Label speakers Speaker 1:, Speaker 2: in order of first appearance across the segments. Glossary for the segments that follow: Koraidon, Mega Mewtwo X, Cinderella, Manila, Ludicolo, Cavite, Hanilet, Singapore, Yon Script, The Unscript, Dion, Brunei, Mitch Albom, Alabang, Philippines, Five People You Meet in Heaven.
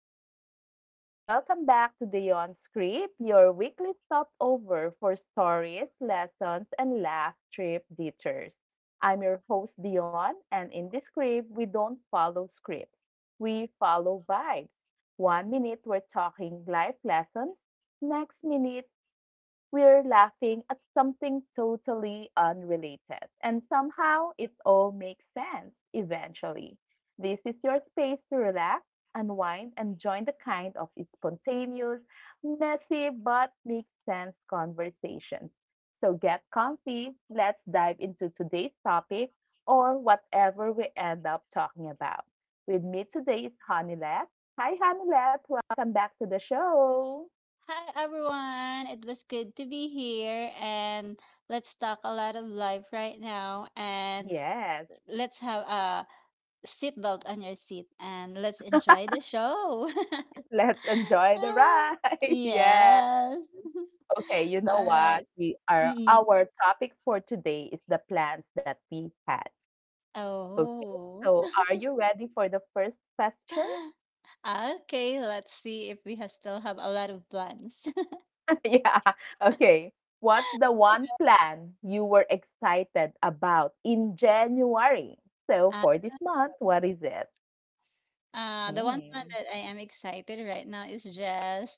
Speaker 1: Hey, hey! Welcome back to the Yon Script, your weekly stopover for stories, lessons, and laugh trip detours. I'm your host, Dion, and in this script, we don't follow scripts. We follow vibes. One minute, we're talking life lessons. Next minute, we're laughing at something totally unrelated, and somehow it all makes sense eventually. This is your space to relax, unwind, and join the kind of spontaneous, messy, but makes sense conversations. So get comfy, let's dive into today's topic or whatever we end up talking about. With me today is Hanilet. Hi, Hanilet. Welcome back to the show.
Speaker 2: Hi everyone, it was good to be here and let's talk a lot of life right now and
Speaker 1: Yes.
Speaker 2: let's have a seatbelt on your seat and let's enjoy the show.
Speaker 1: Let's enjoy the
Speaker 2: Ah,
Speaker 1: ride. Yeah.
Speaker 2: yes.
Speaker 1: Okay, you know
Speaker 2: All right.
Speaker 1: what? We are
Speaker 2: Mm-mm.
Speaker 1: Our topic for today is the plans that we had. Okay.
Speaker 2: Oh.
Speaker 1: So, are you ready for the first question?
Speaker 2: Okay, let's see if we still have a lot of plans.
Speaker 1: Yeah. Okay. What's the one plan you were excited about in January? So, for this month, what is it?
Speaker 2: The one plan
Speaker 1: Hmm.
Speaker 2: that I am excited right now is just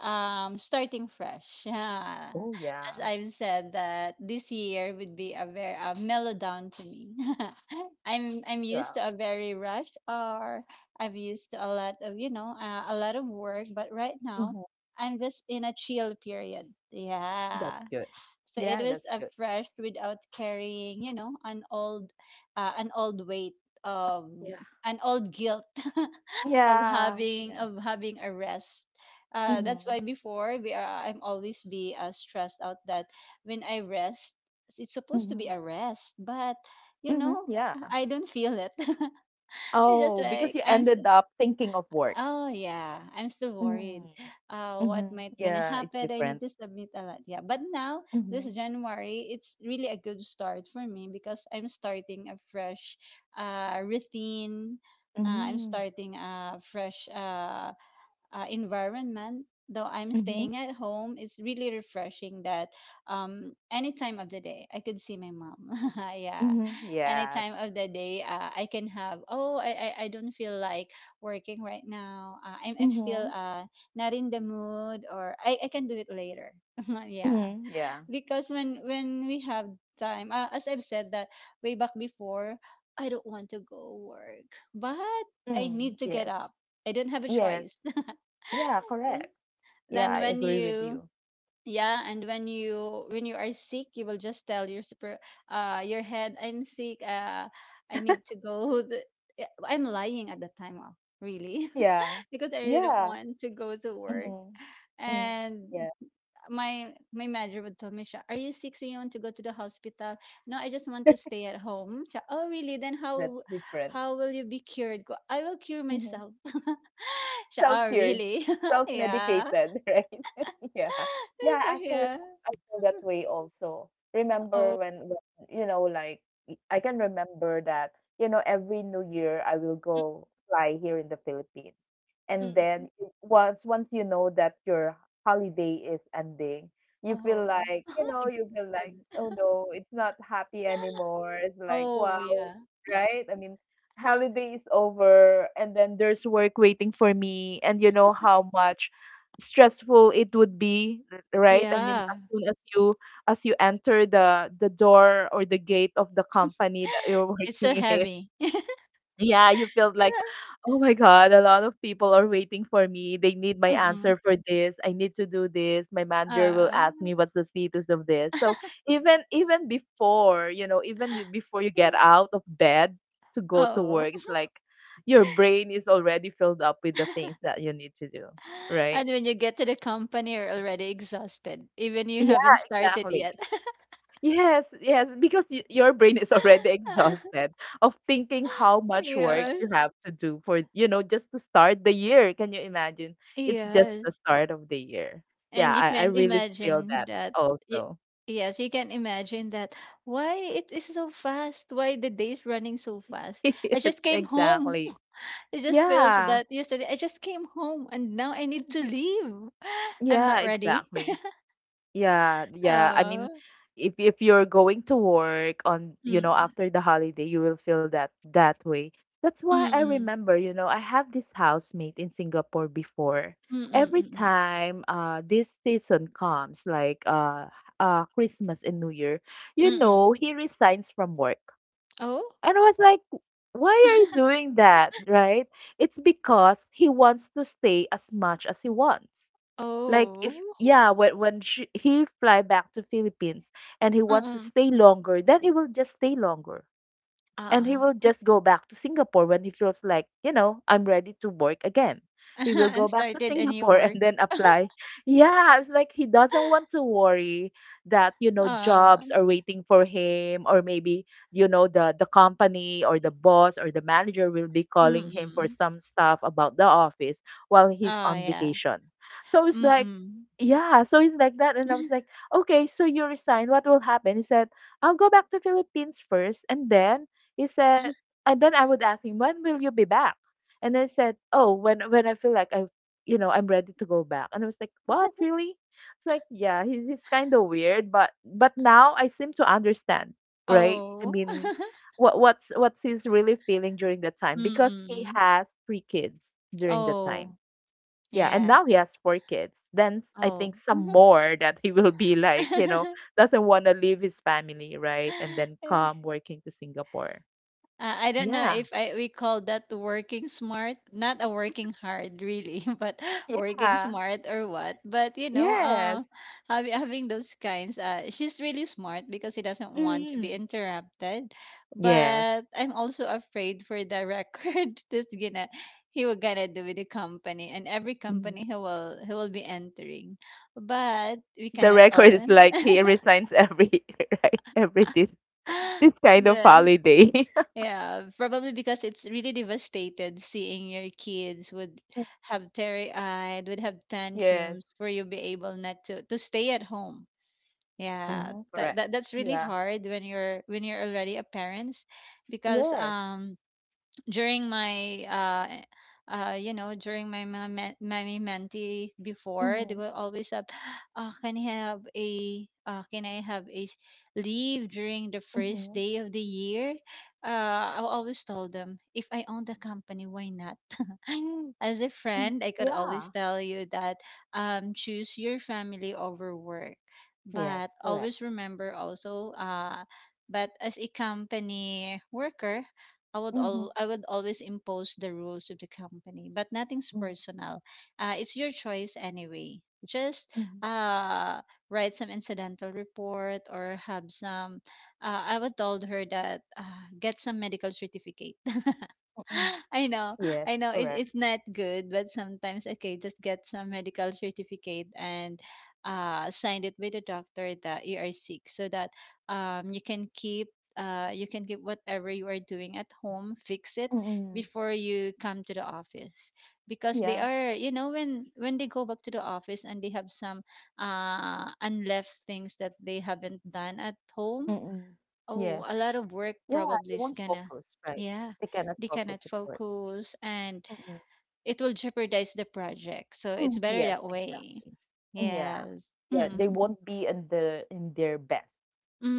Speaker 2: starting fresh. Yeah.
Speaker 1: Oh,
Speaker 2: As
Speaker 1: yeah.
Speaker 2: I've said that this year would be a very a mellow to me. I'm used
Speaker 1: Well,
Speaker 2: to a very rush or I have used to a lot of, work, but right now
Speaker 1: mhm.
Speaker 2: I'm just in a chill period. Yeah,
Speaker 1: That's good.
Speaker 2: so it
Speaker 1: Yeah,
Speaker 2: was
Speaker 1: that's
Speaker 2: a
Speaker 1: good.
Speaker 2: fresh without carrying an old weight of
Speaker 1: Yeah.
Speaker 2: an old guilt of
Speaker 1: Yeah. Yeah.
Speaker 2: having a rest. That's why
Speaker 1: Hmm.
Speaker 2: before we are I'm always be stressed out that when I rest it's supposed to be a
Speaker 1: Hmm.
Speaker 2: rest, but you
Speaker 1: Mhm,
Speaker 2: know
Speaker 1: yeah.
Speaker 2: I don't feel it. it's just
Speaker 1: Oh, because
Speaker 2: like
Speaker 1: you
Speaker 2: I'm
Speaker 1: ended up thinking of work.
Speaker 2: Oh yeah, I'm still worried.
Speaker 1: Mm,
Speaker 2: What
Speaker 1: mhm.
Speaker 2: might gonna
Speaker 1: Yeah, it's
Speaker 2: happen? I
Speaker 1: different.
Speaker 2: need to submit a lot. Yeah, but now this
Speaker 1: Mhm.
Speaker 2: January, it's really a good start for me because I'm starting a fresh, routine. I'm
Speaker 1: Mm.
Speaker 2: starting a fresh, environment, though I'm
Speaker 1: Mhm.
Speaker 2: staying at home, it's really refreshing that any time of the day I could see my mom. Yeah,
Speaker 1: Mhm.
Speaker 2: any
Speaker 1: Yeah.
Speaker 2: time of the day I can have. Oh, I don't feel like working right now. I'm still
Speaker 1: Mhm.
Speaker 2: not in the mood, or I can do it later. Yeah,
Speaker 1: Mhm. Yeah.
Speaker 2: because when we have time, as I've said that way back before, I don't want to go work, but I
Speaker 1: Mm.
Speaker 2: need to
Speaker 1: Yes.
Speaker 2: get up. I don't have a
Speaker 1: Yes.
Speaker 2: choice.
Speaker 1: Yeah, correct. Yeah, I
Speaker 2: then when
Speaker 1: agree with
Speaker 2: you
Speaker 1: you.
Speaker 2: Yeah, and when you are sick, you will just tell your super, your head, "I'm sick, I need to go to-" Yeah, I'm lying at the time of really.
Speaker 1: Yeah.
Speaker 2: Because I really don't
Speaker 1: Yeah.
Speaker 2: want to go to work,
Speaker 1: Mhm. Mm.
Speaker 2: and
Speaker 1: Yeah,
Speaker 2: my manager would tell me, siya, "Are you sick? So you want to go to the hospital?" No, I just want to stay at home. Siya, oh, really? Then
Speaker 1: that's
Speaker 2: how
Speaker 1: different.
Speaker 2: how will you be cured? Ko, I will cure
Speaker 1: Mhm.
Speaker 2: myself. Siya, oh,
Speaker 1: Self-cured,
Speaker 2: really? Yeah.
Speaker 1: self-medicated, right? Yeah. Yeah,
Speaker 2: So,
Speaker 1: actually,
Speaker 2: yeah.
Speaker 1: I feel that way also. Remember
Speaker 2: Oh.
Speaker 1: when, you know, like I can remember that, you know, every New Year I will go fly here in the Philippines.
Speaker 2: Mm,
Speaker 1: And then
Speaker 2: mm.
Speaker 1: once you know that your holiday is ending, you feel
Speaker 2: Oh.
Speaker 1: like, you know, you feel like,
Speaker 2: Exhausted.
Speaker 1: oh no, it's not happy anymore. It's like,
Speaker 2: Oh,
Speaker 1: wow,
Speaker 2: yeah.
Speaker 1: right? I mean, holiday is over and then there's work waiting for me, and you know how much stressful it would be, right? I mean, as
Speaker 2: Yeah.
Speaker 1: soon as you enter the door or the gate of the company that you're
Speaker 2: It's so
Speaker 1: working in,
Speaker 2: heavy.
Speaker 1: yeah, you feel like, oh my God, a lot of people are waiting for me. They need my
Speaker 2: Mm-mm.
Speaker 1: answer for this. I need to do this. My manager will
Speaker 2: Uh,
Speaker 1: ask me what's the status of this. So even before, you know, even before you get out of bed to go to
Speaker 2: oh.
Speaker 1: work, it's like your brain is already filled up with the things that you need to do, right?
Speaker 2: And when you get to the company, you're already exhausted, even you
Speaker 1: Yeah,
Speaker 2: haven't started
Speaker 1: exactly.
Speaker 2: yet.
Speaker 1: Yes, because y your brain is already exhausted of thinking how much work
Speaker 2: Yes.
Speaker 1: you have to do for, you know, just to start the year. Can you imagine? It's just
Speaker 2: Yes.
Speaker 1: the start of the year.
Speaker 2: And
Speaker 1: Yeah,
Speaker 2: you
Speaker 1: I
Speaker 2: can't
Speaker 1: really feel
Speaker 2: imagine
Speaker 1: that
Speaker 2: that. y-
Speaker 1: also.
Speaker 2: Yes, you can imagine that. Why it is so fast? Why the day's running so fast? I
Speaker 1: Yes,
Speaker 2: just came home.
Speaker 1: exactly.
Speaker 2: It just feels
Speaker 1: Yeah.
Speaker 2: that yesterday I just came home and now I need to
Speaker 1: Mhm.
Speaker 2: leave. I'm
Speaker 1: Yeah,
Speaker 2: not ready.
Speaker 1: exactly. Yeah. I mean,
Speaker 2: Oh.
Speaker 1: if you're going to work on, you know,
Speaker 2: Mm-mm.
Speaker 1: after the holiday, you will feel that that way. That's why I
Speaker 2: Mm-mm.
Speaker 1: remember, you know, I have this housemate in Singapore before.
Speaker 2: Mm-mm.
Speaker 1: Every
Speaker 2: Mm-mm.
Speaker 1: time this season comes, like Christmas and New Year, you
Speaker 2: Mm-mm.
Speaker 1: know, he resigns from work.
Speaker 2: Oh.
Speaker 1: And I was like, why are you doing that, right? It's because he wants to stay as much as he wants. Like if
Speaker 2: Oh.
Speaker 1: yeah, when he fly back to Philippines and he wants to
Speaker 2: Mm.
Speaker 1: stay longer, then he will just stay longer and he
Speaker 2: ah
Speaker 1: will just go back to Singapore when he feels like, you know, I'm ready to work again. He will go
Speaker 2: And
Speaker 1: back to
Speaker 2: started a new
Speaker 1: Singapore and
Speaker 2: work.
Speaker 1: then apply. Yeah, it's like he doesn't want to worry that, you know,
Speaker 2: uh
Speaker 1: jobs are waiting for him, or maybe, you know, the company or the boss or the manager will be calling him for
Speaker 2: Mm.
Speaker 1: some stuff about the office while he's
Speaker 2: Oh,
Speaker 1: on
Speaker 2: yeah.
Speaker 1: vacation. So it's like
Speaker 2: Mm.
Speaker 1: yeah, so it's like that. And I was like, "Okay, so you resign, what will happen?" He said, I'll go back to Philippines first. And then he said, and then I would ask him, when will you be back? And I said, oh, when I feel like you know, I'm ready to go back. And I was like, what, really? It's like, yeah, he's kind of weird, but now I seem to understand, right? I
Speaker 2: Oh.
Speaker 1: mean, what's he's really feeling during that time, because he
Speaker 2: Mm.
Speaker 1: has three kids during that time.
Speaker 2: Oh,
Speaker 1: Yeah, and
Speaker 2: yeah.
Speaker 1: now he has four kids. Then I
Speaker 2: Oh.
Speaker 1: think some more that he will be like, you know, doesn't want to leave his family, right? And then come working to Singapore.
Speaker 2: I don't know
Speaker 1: Yeah.
Speaker 2: if I we call that working smart, not a working hard really, but working
Speaker 1: Yeah.
Speaker 2: smart or what. But
Speaker 1: Yes.
Speaker 2: having those kinds, she's really smart because she doesn't want to be
Speaker 1: Mhm.
Speaker 2: interrupted.
Speaker 1: Yes.
Speaker 2: But I'm also afraid for the record that's gonna he will gonna do with the company and every company
Speaker 1: Mhm.
Speaker 2: he will be entering. But we
Speaker 1: The
Speaker 2: cannot
Speaker 1: record
Speaker 2: all.
Speaker 1: is like he resigns every, right, every this kind of
Speaker 2: the
Speaker 1: holiday.
Speaker 2: Yeah, probably because it's really devastated seeing your kids would
Speaker 1: Mm.
Speaker 2: have teary-eyed, would have
Speaker 1: Yes.
Speaker 2: tantrums for you be able not to stay at home. Yeah,
Speaker 1: Mhm.
Speaker 2: that,
Speaker 1: Correct.
Speaker 2: that that's really
Speaker 1: Yeah.
Speaker 2: hard when you're already a parent because
Speaker 1: Yes.
Speaker 2: during my during my mentee before, they
Speaker 1: Mhm.
Speaker 2: will always have, "Oh, can I have a leave during the first
Speaker 1: Mhm.
Speaker 2: day of the year." I always told them, if I own the company, why not? As a
Speaker 1: Mhm.
Speaker 2: friend, I could always
Speaker 1: Yeah.
Speaker 2: tell you that, choose your family over work,
Speaker 1: Yes.
Speaker 2: but
Speaker 1: Correct.
Speaker 2: always remember also. But as a company worker,
Speaker 1: Mhm.
Speaker 2: I would always impose the rules of the company, but nothing's
Speaker 1: Mhm.
Speaker 2: personal. It's your choice anyway. Just
Speaker 1: Mhm.
Speaker 2: uh, write some incidental report or have some. I would told her that, get some medical certificate.
Speaker 1: Mm-mm.
Speaker 2: I know,
Speaker 1: Yes.
Speaker 2: I know
Speaker 1: Correct.
Speaker 2: it's not good, but sometimes okay, just get some medical certificate and sign it with the doctor that you are sick, so that you can get whatever you are doing at home, fix it
Speaker 1: Mm-mm.
Speaker 2: before you come to the office, because they
Speaker 1: Yeah.
Speaker 2: are, you know, when they go back to the office and they have some unleft things that they haven't done at home.
Speaker 1: Mm-mm.
Speaker 2: Oh,
Speaker 1: Yes.
Speaker 2: a lot of work
Speaker 1: Yeah. They
Speaker 2: probably is
Speaker 1: won't
Speaker 2: gonna,
Speaker 1: focus, right?
Speaker 2: yeah,
Speaker 1: They cannot
Speaker 2: they
Speaker 1: focus,
Speaker 2: cannot
Speaker 1: of
Speaker 2: focus, and
Speaker 1: course.
Speaker 2: it will jeopardize the project. So it's
Speaker 1: Mm,
Speaker 2: better
Speaker 1: yes,
Speaker 2: that way.
Speaker 1: exactly. Yeah.
Speaker 2: Yes.
Speaker 1: Yeah, they won't be in the in their best.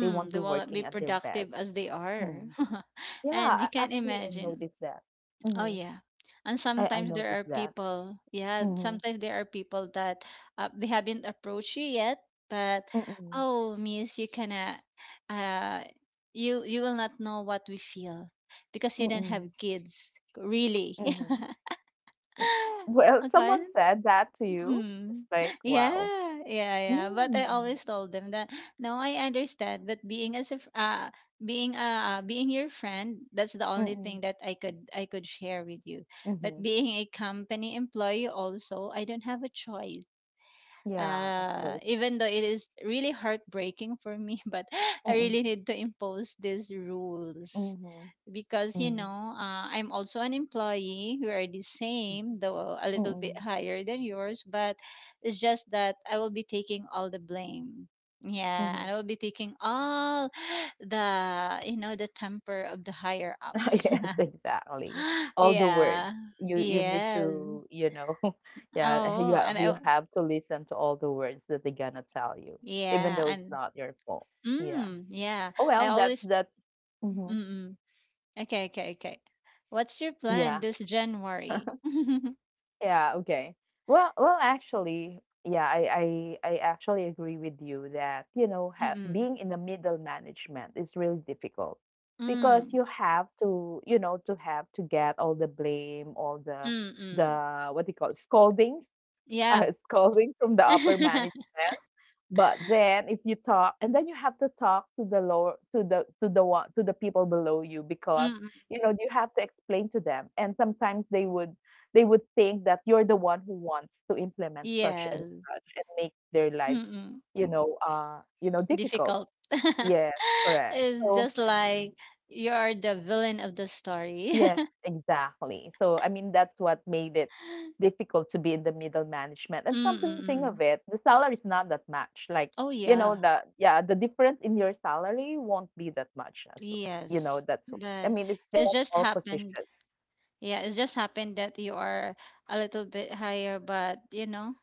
Speaker 1: They won't
Speaker 2: they
Speaker 1: be
Speaker 2: will be
Speaker 1: working at their best.
Speaker 2: productive as they are.
Speaker 1: Mm. Yeah,
Speaker 2: And you
Speaker 1: I,
Speaker 2: can
Speaker 1: actually I
Speaker 2: imagine.
Speaker 1: noticed that.
Speaker 2: Oh
Speaker 1: Hmm.
Speaker 2: yeah. And
Speaker 1: I
Speaker 2: sometimes there are
Speaker 1: noticed that.
Speaker 2: people, yeah,
Speaker 1: Mm-hmm.
Speaker 2: sometimes there are people that they haven't approached you yet, but,
Speaker 1: Mm-mm.
Speaker 2: "Oh, miss, you cannot uh you will not know what we feel because you don't
Speaker 1: Mm-mm.
Speaker 2: have kids." Really.
Speaker 1: Mm-hmm. Well,
Speaker 2: Okay.
Speaker 1: someone said that to you. It's
Speaker 2: Mm.
Speaker 1: like, wow.
Speaker 2: Yeah, yeah, yeah. But I
Speaker 1: Mm.
Speaker 2: always told them that, no, I understand. But being as if being your friend, that's the only
Speaker 1: Mm-mm.
Speaker 2: thing that I could share with you. But
Speaker 1: Mm-hmm.
Speaker 2: being a company employee also, I don't have a choice.
Speaker 1: Yeah, of course.
Speaker 2: Even though it is really heartbreaking for me, but I
Speaker 1: Mm-mm.
Speaker 2: really need to impose these rules,
Speaker 1: Mm-hmm.
Speaker 2: because
Speaker 1: Mm-hmm.
Speaker 2: I'm also an employee. We are the same, though a little bit
Speaker 1: Mm-mm.
Speaker 2: higher than yours, but it's just that I will be taking all the blame. Yeah,
Speaker 1: Mm-hmm.
Speaker 2: and I will be taking all the the temper of the higher ups.
Speaker 1: Yes, exactly. All the words.
Speaker 2: Yeah.
Speaker 1: You need
Speaker 2: Yes.
Speaker 1: to, you know, yeah,
Speaker 2: oh
Speaker 1: you
Speaker 2: and I
Speaker 1: you have to listen to all the words that they're gonna tell you, even
Speaker 2: Yeah,
Speaker 1: though it's
Speaker 2: and
Speaker 1: not your fault. Yeah.
Speaker 2: yeah,
Speaker 1: Oh
Speaker 2: I
Speaker 1: well, that
Speaker 2: always
Speaker 1: that's
Speaker 2: mm,
Speaker 1: mhm.
Speaker 2: mm. Okay, okay, okay, what's your plan
Speaker 1: Yeah.
Speaker 2: this January?
Speaker 1: Yeah, okay. Well, actually, yeah, I actually agree with you that, you know, ha
Speaker 2: Mm,
Speaker 1: being in the middle management is really difficult
Speaker 2: mm,
Speaker 1: because
Speaker 2: mm.
Speaker 1: you have to, you know, to have to get all the blame,
Speaker 2: Mm, mm.
Speaker 1: the, what do you call it, scoldings, uh,
Speaker 2: Yeah.
Speaker 1: scoldings from the upper management. But then if you talk, and then you have to talk to the lower, to the one to the people below you,
Speaker 2: Mm,
Speaker 1: because
Speaker 2: mm,
Speaker 1: you know
Speaker 2: mm.
Speaker 1: you have to explain to them, and sometimes they would think that you're the one who wants to implement such and
Speaker 2: Yes.
Speaker 1: such and make their lives,
Speaker 2: Mm, mm.
Speaker 1: you know, you know, difficult,
Speaker 2: Difficult.
Speaker 1: yes, correct,
Speaker 2: It's
Speaker 1: so
Speaker 2: just like you are the villain of the story.
Speaker 1: yes, exactly. So, I mean, that's what made it difficult to be in the middle management. And come
Speaker 2: Mm,
Speaker 1: to
Speaker 2: mm,
Speaker 1: think of
Speaker 2: mm.
Speaker 1: it, the salary is not that much. Like,
Speaker 2: Oh
Speaker 1: you know,
Speaker 2: yeah.
Speaker 1: the yeah, the difference in your salary won't be that much as you know,
Speaker 2: Yes.
Speaker 1: that's I
Speaker 2: But
Speaker 1: mean, it's
Speaker 2: it
Speaker 1: just
Speaker 2: just
Speaker 1: all
Speaker 2: happened.
Speaker 1: positions.
Speaker 2: Yeah, it just happened that you are a little bit higher, but you know,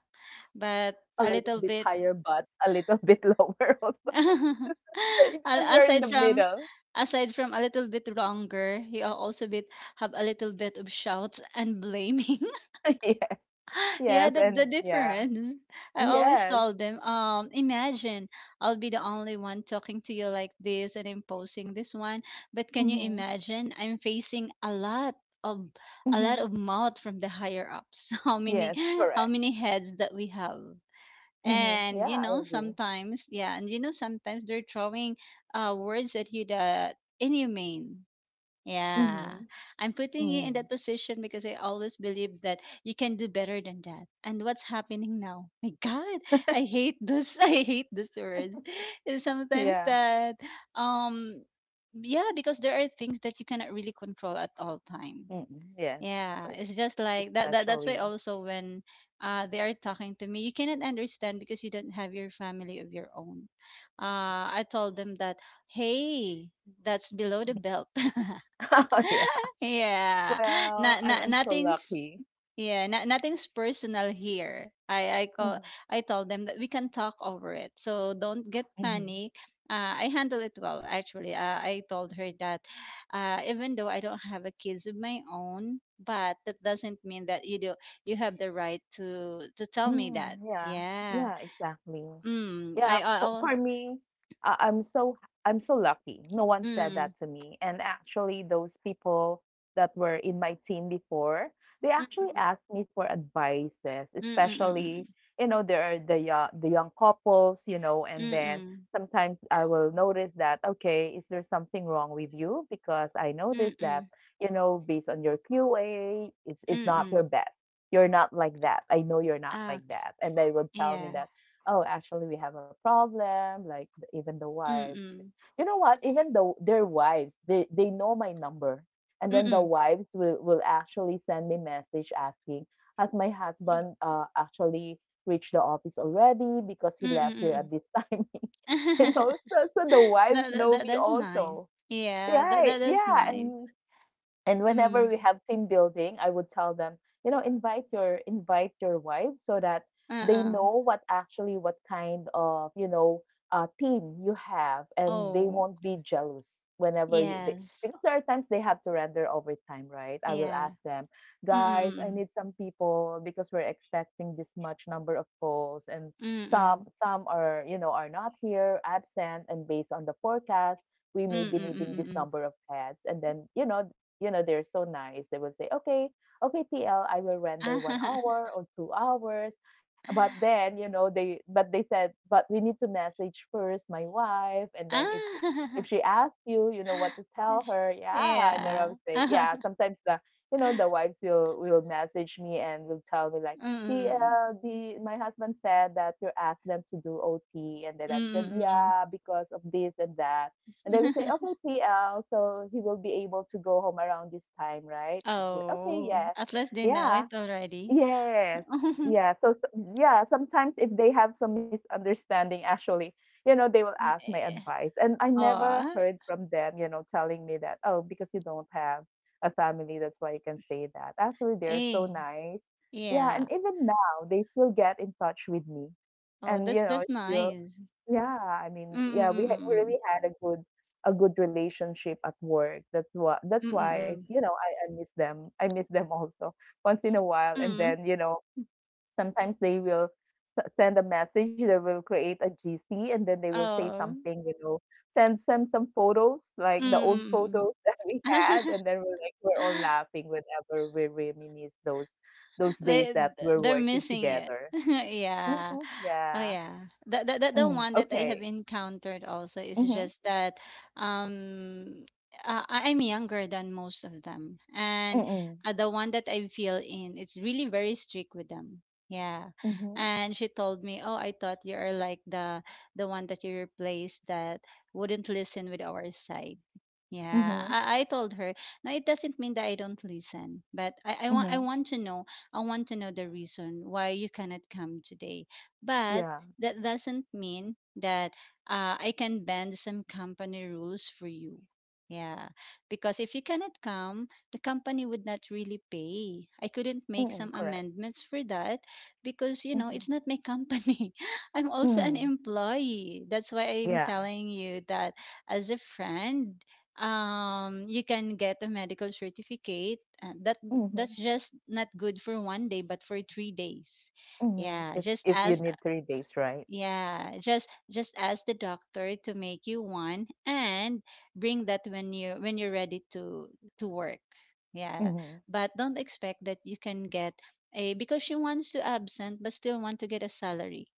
Speaker 2: but
Speaker 1: A
Speaker 2: a
Speaker 1: little
Speaker 2: little
Speaker 1: bit
Speaker 2: bit.
Speaker 1: higher, but a little bit lower also. Because you're in the
Speaker 2: Aside
Speaker 1: middle.
Speaker 2: from a little bit longer, he also bit have a little bit of shouts and blaming.
Speaker 1: Yes.
Speaker 2: Yeah,
Speaker 1: Yes,
Speaker 2: that's the
Speaker 1: and yeah.
Speaker 2: difference. I always
Speaker 1: Yes.
Speaker 2: told them, imagine I'll be the only one talking to you like this and imposing this one. But can you
Speaker 1: Mm-hmm.
Speaker 2: imagine? I'm facing of a lot
Speaker 1: Mm-hmm.
Speaker 2: of mouth from the higher ups. How many
Speaker 1: Yes,
Speaker 2: how
Speaker 1: correct.
Speaker 2: many heads that we have?
Speaker 1: Mm-hmm. Yeah,
Speaker 2: And you
Speaker 1: I
Speaker 2: know
Speaker 1: agree.
Speaker 2: sometimes yeah and you know sometimes they're throwing words at you that inhumane.
Speaker 1: Mm-hmm.
Speaker 2: Yeah, I'm putting you
Speaker 1: Mm-hmm.
Speaker 2: in that position because I always believe that you can do better than that, and what's happening now, my god, I hate this. I hate this word. And sometimes
Speaker 1: Yeah.
Speaker 2: that um yeah, because there are things that you cannot really control at all time.
Speaker 1: Mm. Yes, of
Speaker 2: Yeah,
Speaker 1: course.
Speaker 2: it's just like that. That's why
Speaker 1: Especially.
Speaker 2: also when they are talking to me, "You cannot understand because you don't have your family of your own." I told them that, "Hey, that's below the belt."
Speaker 1: Oh, yeah.
Speaker 2: Yeah.
Speaker 1: Well,
Speaker 2: Not, not
Speaker 1: I'm so
Speaker 2: nothing's
Speaker 1: lucky.
Speaker 2: Yeah, no, nothing's personal here.
Speaker 1: Hmm.
Speaker 2: I told them that we can talk over it. So don't get
Speaker 1: Hmm.
Speaker 2: panic. I handle it well actually. I told her that, even though I don't have a kids of my own, but that doesn't mean that you do you have the right to tell me that.
Speaker 1: Mm, yeah.
Speaker 2: Yeah.
Speaker 1: Yeah, exactly.
Speaker 2: Mm.
Speaker 1: Yeah, for me, I, I'm so I'm so lucky. No one said
Speaker 2: Mm.
Speaker 1: that to me. And actually, those people that were in my team before, they
Speaker 2: Mm,
Speaker 1: actually asked me for advices,
Speaker 2: mm, mm, mm,
Speaker 1: especially, you know, there are the young couples, you know,
Speaker 2: mm,
Speaker 1: and then
Speaker 2: mm,
Speaker 1: sometimes I will notice that, okay, is there something wrong with you? Because I
Speaker 2: mm. mm
Speaker 1: noticed
Speaker 2: mm
Speaker 1: that, you know, based on your QA, it's
Speaker 2: mm
Speaker 1: not your
Speaker 2: mm.
Speaker 1: best, you're not like that. I know you're not
Speaker 2: Ah,
Speaker 1: like that. And they would tell me
Speaker 2: yeah.
Speaker 1: that, oh, actually, we have a problem. Like, even the
Speaker 2: Mm,
Speaker 1: wife,
Speaker 2: mm,
Speaker 1: you know what? Even though their wives, they know my number. And
Speaker 2: mm,
Speaker 1: then the
Speaker 2: mm,
Speaker 1: wives will actually send me message asking, has my husband actually reached the office already because
Speaker 2: mm,
Speaker 1: he
Speaker 2: mm,
Speaker 1: left here
Speaker 2: mm.
Speaker 1: at this time? You know, so, so the wives
Speaker 2: That, that,
Speaker 1: know
Speaker 2: that
Speaker 1: me
Speaker 2: that's nice.
Speaker 1: also.
Speaker 2: Yeah, that,
Speaker 1: Right.
Speaker 2: that that's
Speaker 1: Yeah.
Speaker 2: nice.
Speaker 1: And whenever
Speaker 2: Mm.
Speaker 1: we have team building, I would tell them, you know, invite your wives so that they
Speaker 2: Uh-uh.
Speaker 1: know what actually what kind of you know team you have, and they
Speaker 2: Oh,
Speaker 1: won't be jealous whenever you. They,
Speaker 2: yes.
Speaker 1: because there are times they have to render overtime, right? I will
Speaker 2: Yeah.
Speaker 1: ask them, guys, I
Speaker 2: Mm-mm.
Speaker 1: need some people because we're expecting this much number of calls, and
Speaker 2: Mm-mm.
Speaker 1: some are, you know, are not here, absent, and based on the forecast, we may be needing this
Speaker 2: Mm-mm.
Speaker 1: number of heads, and then you know they're so nice. They would say, okay, okay, TL, I will render one
Speaker 2: Mm-mm.
Speaker 1: hour or 2 hours. But then, you know, but they said, but we need to message first my wife. And then if,
Speaker 2: Ah.
Speaker 1: she asks you, you know, what to tell her, yeah. And then I
Speaker 2: Yeah.
Speaker 1: would say, yeah, sometimes you know, the wives will message me and will tell me like,
Speaker 2: Mm-mm.
Speaker 1: the my husband said that you asked them to do OT, and then I said,
Speaker 2: Mm-mm.
Speaker 1: yeah, because of this and that, and they will say, okay, TL, so he will be able to go home around this time, right? Okay,
Speaker 2: Oh,
Speaker 1: yes.
Speaker 2: at least they know
Speaker 1: Yeah,
Speaker 2: it already.
Speaker 1: yes. Yeah, so, sometimes if they have some misunderstanding, actually, you know, they will ask my
Speaker 2: Eh.
Speaker 1: advice. And I never
Speaker 2: Oh,
Speaker 1: heard from them, you know, telling me that, oh, because you don't have a family, that's why you can say that. Actually, they're so
Speaker 2: eh.
Speaker 1: nice. Yeah,
Speaker 2: Yeah.
Speaker 1: and even now, they still get in touch with me.
Speaker 2: Oh,
Speaker 1: And, you know,
Speaker 2: that's
Speaker 1: still
Speaker 2: nice.
Speaker 1: yeah,
Speaker 2: Mm, mm,
Speaker 1: we
Speaker 2: mm,
Speaker 1: had we
Speaker 2: mm.
Speaker 1: really had a good relationship at work. That's why
Speaker 2: Mm,
Speaker 1: that's why,
Speaker 2: mm,
Speaker 1: you know, I miss them. I miss them also once in a while. And
Speaker 2: mm.
Speaker 1: then, you know, sometimes they will send a message, they will create a GC and then they will say
Speaker 2: Oh.
Speaker 1: something, you know, send some photos, like the
Speaker 2: Mm,
Speaker 1: old
Speaker 2: mm,
Speaker 1: photos that we
Speaker 2: mm.
Speaker 1: had, and then we're all laughing whenever we reminisce those days
Speaker 2: They
Speaker 1: that we're
Speaker 2: they're
Speaker 1: working
Speaker 2: missing it.
Speaker 1: together.
Speaker 2: Yeah.
Speaker 1: Hmm,
Speaker 2: Oh,
Speaker 1: yeah.
Speaker 2: yeah. The
Speaker 1: Mm,
Speaker 2: one that I have
Speaker 1: okay.
Speaker 2: encountered also is
Speaker 1: Hmm.
Speaker 2: just that, um, I'm younger than most of them. And
Speaker 1: Mm.
Speaker 2: the one that I feel in, it's really very strict with them. Yeah.
Speaker 1: Mhm.
Speaker 2: And she told me, "Oh, I thought you are like the one that you replaced that wouldn't listen with our side." Yeah,
Speaker 1: Mhm.
Speaker 2: I told her. No, it doesn't mean that I don't listen, but I, I want I
Speaker 1: Mhm.
Speaker 2: want to know I want to know the reason why you cannot come today. But
Speaker 1: Yeah.
Speaker 2: that doesn't mean that I can bend some company rules for you. Yeah, because if you cannot come, the company would not really pay. I couldn't make
Speaker 1: Mm.
Speaker 2: some
Speaker 1: Correct.
Speaker 2: amendments for that because you know
Speaker 1: Mhm.
Speaker 2: it's not my company. I'm also an
Speaker 1: Mm.
Speaker 2: employee. That's why I'm
Speaker 1: Yeah.
Speaker 2: telling you that as a friend you can get a medical certificate that that's
Speaker 1: Mhm.
Speaker 2: just not good for 1 day but for 3 days.
Speaker 1: Mhm.
Speaker 2: Yeah, just
Speaker 1: If you
Speaker 2: ask
Speaker 1: need 3 days, right?
Speaker 2: yeah, just ask the doctor to make you one and bring that when you're ready to work. Yeah,
Speaker 1: Mhm.
Speaker 2: but don't expect that you can get a because she wants to absent but still want to get a salary.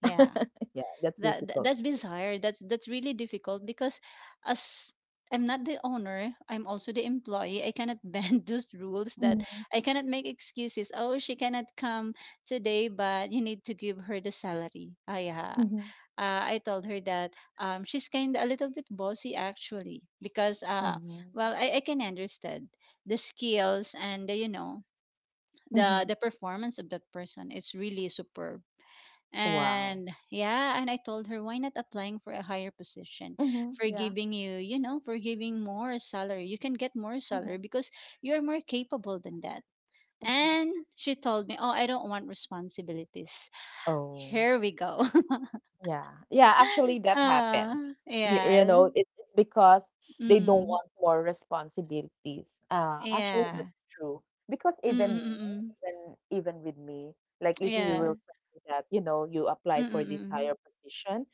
Speaker 2: Yeah,
Speaker 1: Yeah, that's difficult.
Speaker 2: that's bizarre. That's really difficult because as I'm not the owner, I'm also the employee. I cannot bend those rules that
Speaker 1: Mhm.
Speaker 2: I cannot make excuses, oh, she cannot come today, but you need to give her the salary. Ah, yeah.
Speaker 1: Mhm.
Speaker 2: I told her that she's kind of a little bit bossy actually because
Speaker 1: Mhm.
Speaker 2: well, I can understand the skills and the,
Speaker 1: Mhm.
Speaker 2: the performance of that person is really superb.
Speaker 1: Wow.
Speaker 2: And yeah, and I told her, why not applying for a higher position?
Speaker 1: Mhm.
Speaker 2: For
Speaker 1: Yeah.
Speaker 2: giving you, you know, for giving more salary. You can get more salary
Speaker 1: Mhm.
Speaker 2: because you're more capable than that.
Speaker 1: Mhm.
Speaker 2: And she told me, oh, I don't want responsibilities.
Speaker 1: Oh.
Speaker 2: Here we go.
Speaker 1: Yeah. Yeah, actually that
Speaker 2: uh,
Speaker 1: happens. You, you
Speaker 2: yeah.
Speaker 1: know, it's because they don't
Speaker 2: Mm,
Speaker 1: want more responsibilities. Actually
Speaker 2: yeah.
Speaker 1: that's true. Because even me,
Speaker 2: Mm-mm-mm.
Speaker 1: even with me, like if you
Speaker 2: Yeah.
Speaker 1: will tell me that, you know, you apply for this
Speaker 2: Mm-mm-mm.
Speaker 1: higher position,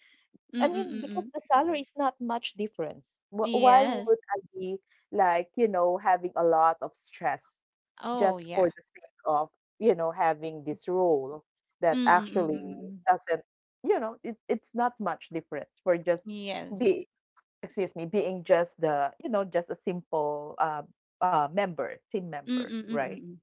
Speaker 1: I mean, because
Speaker 2: Mm-mm-mm.
Speaker 1: the salary is not much difference. Why
Speaker 2: Yes.
Speaker 1: would I be like, you know, having a lot of stress
Speaker 2: Oh,
Speaker 1: just for
Speaker 2: yeah.
Speaker 1: the sake of, you know, having this role that actually
Speaker 2: Mm-mm-mm.
Speaker 1: doesn't, you know, it's not much difference for just
Speaker 2: Yes.
Speaker 1: be, excuse me, being just the, you know, just a simple member, team member, right?
Speaker 2: Mm-mm-mm.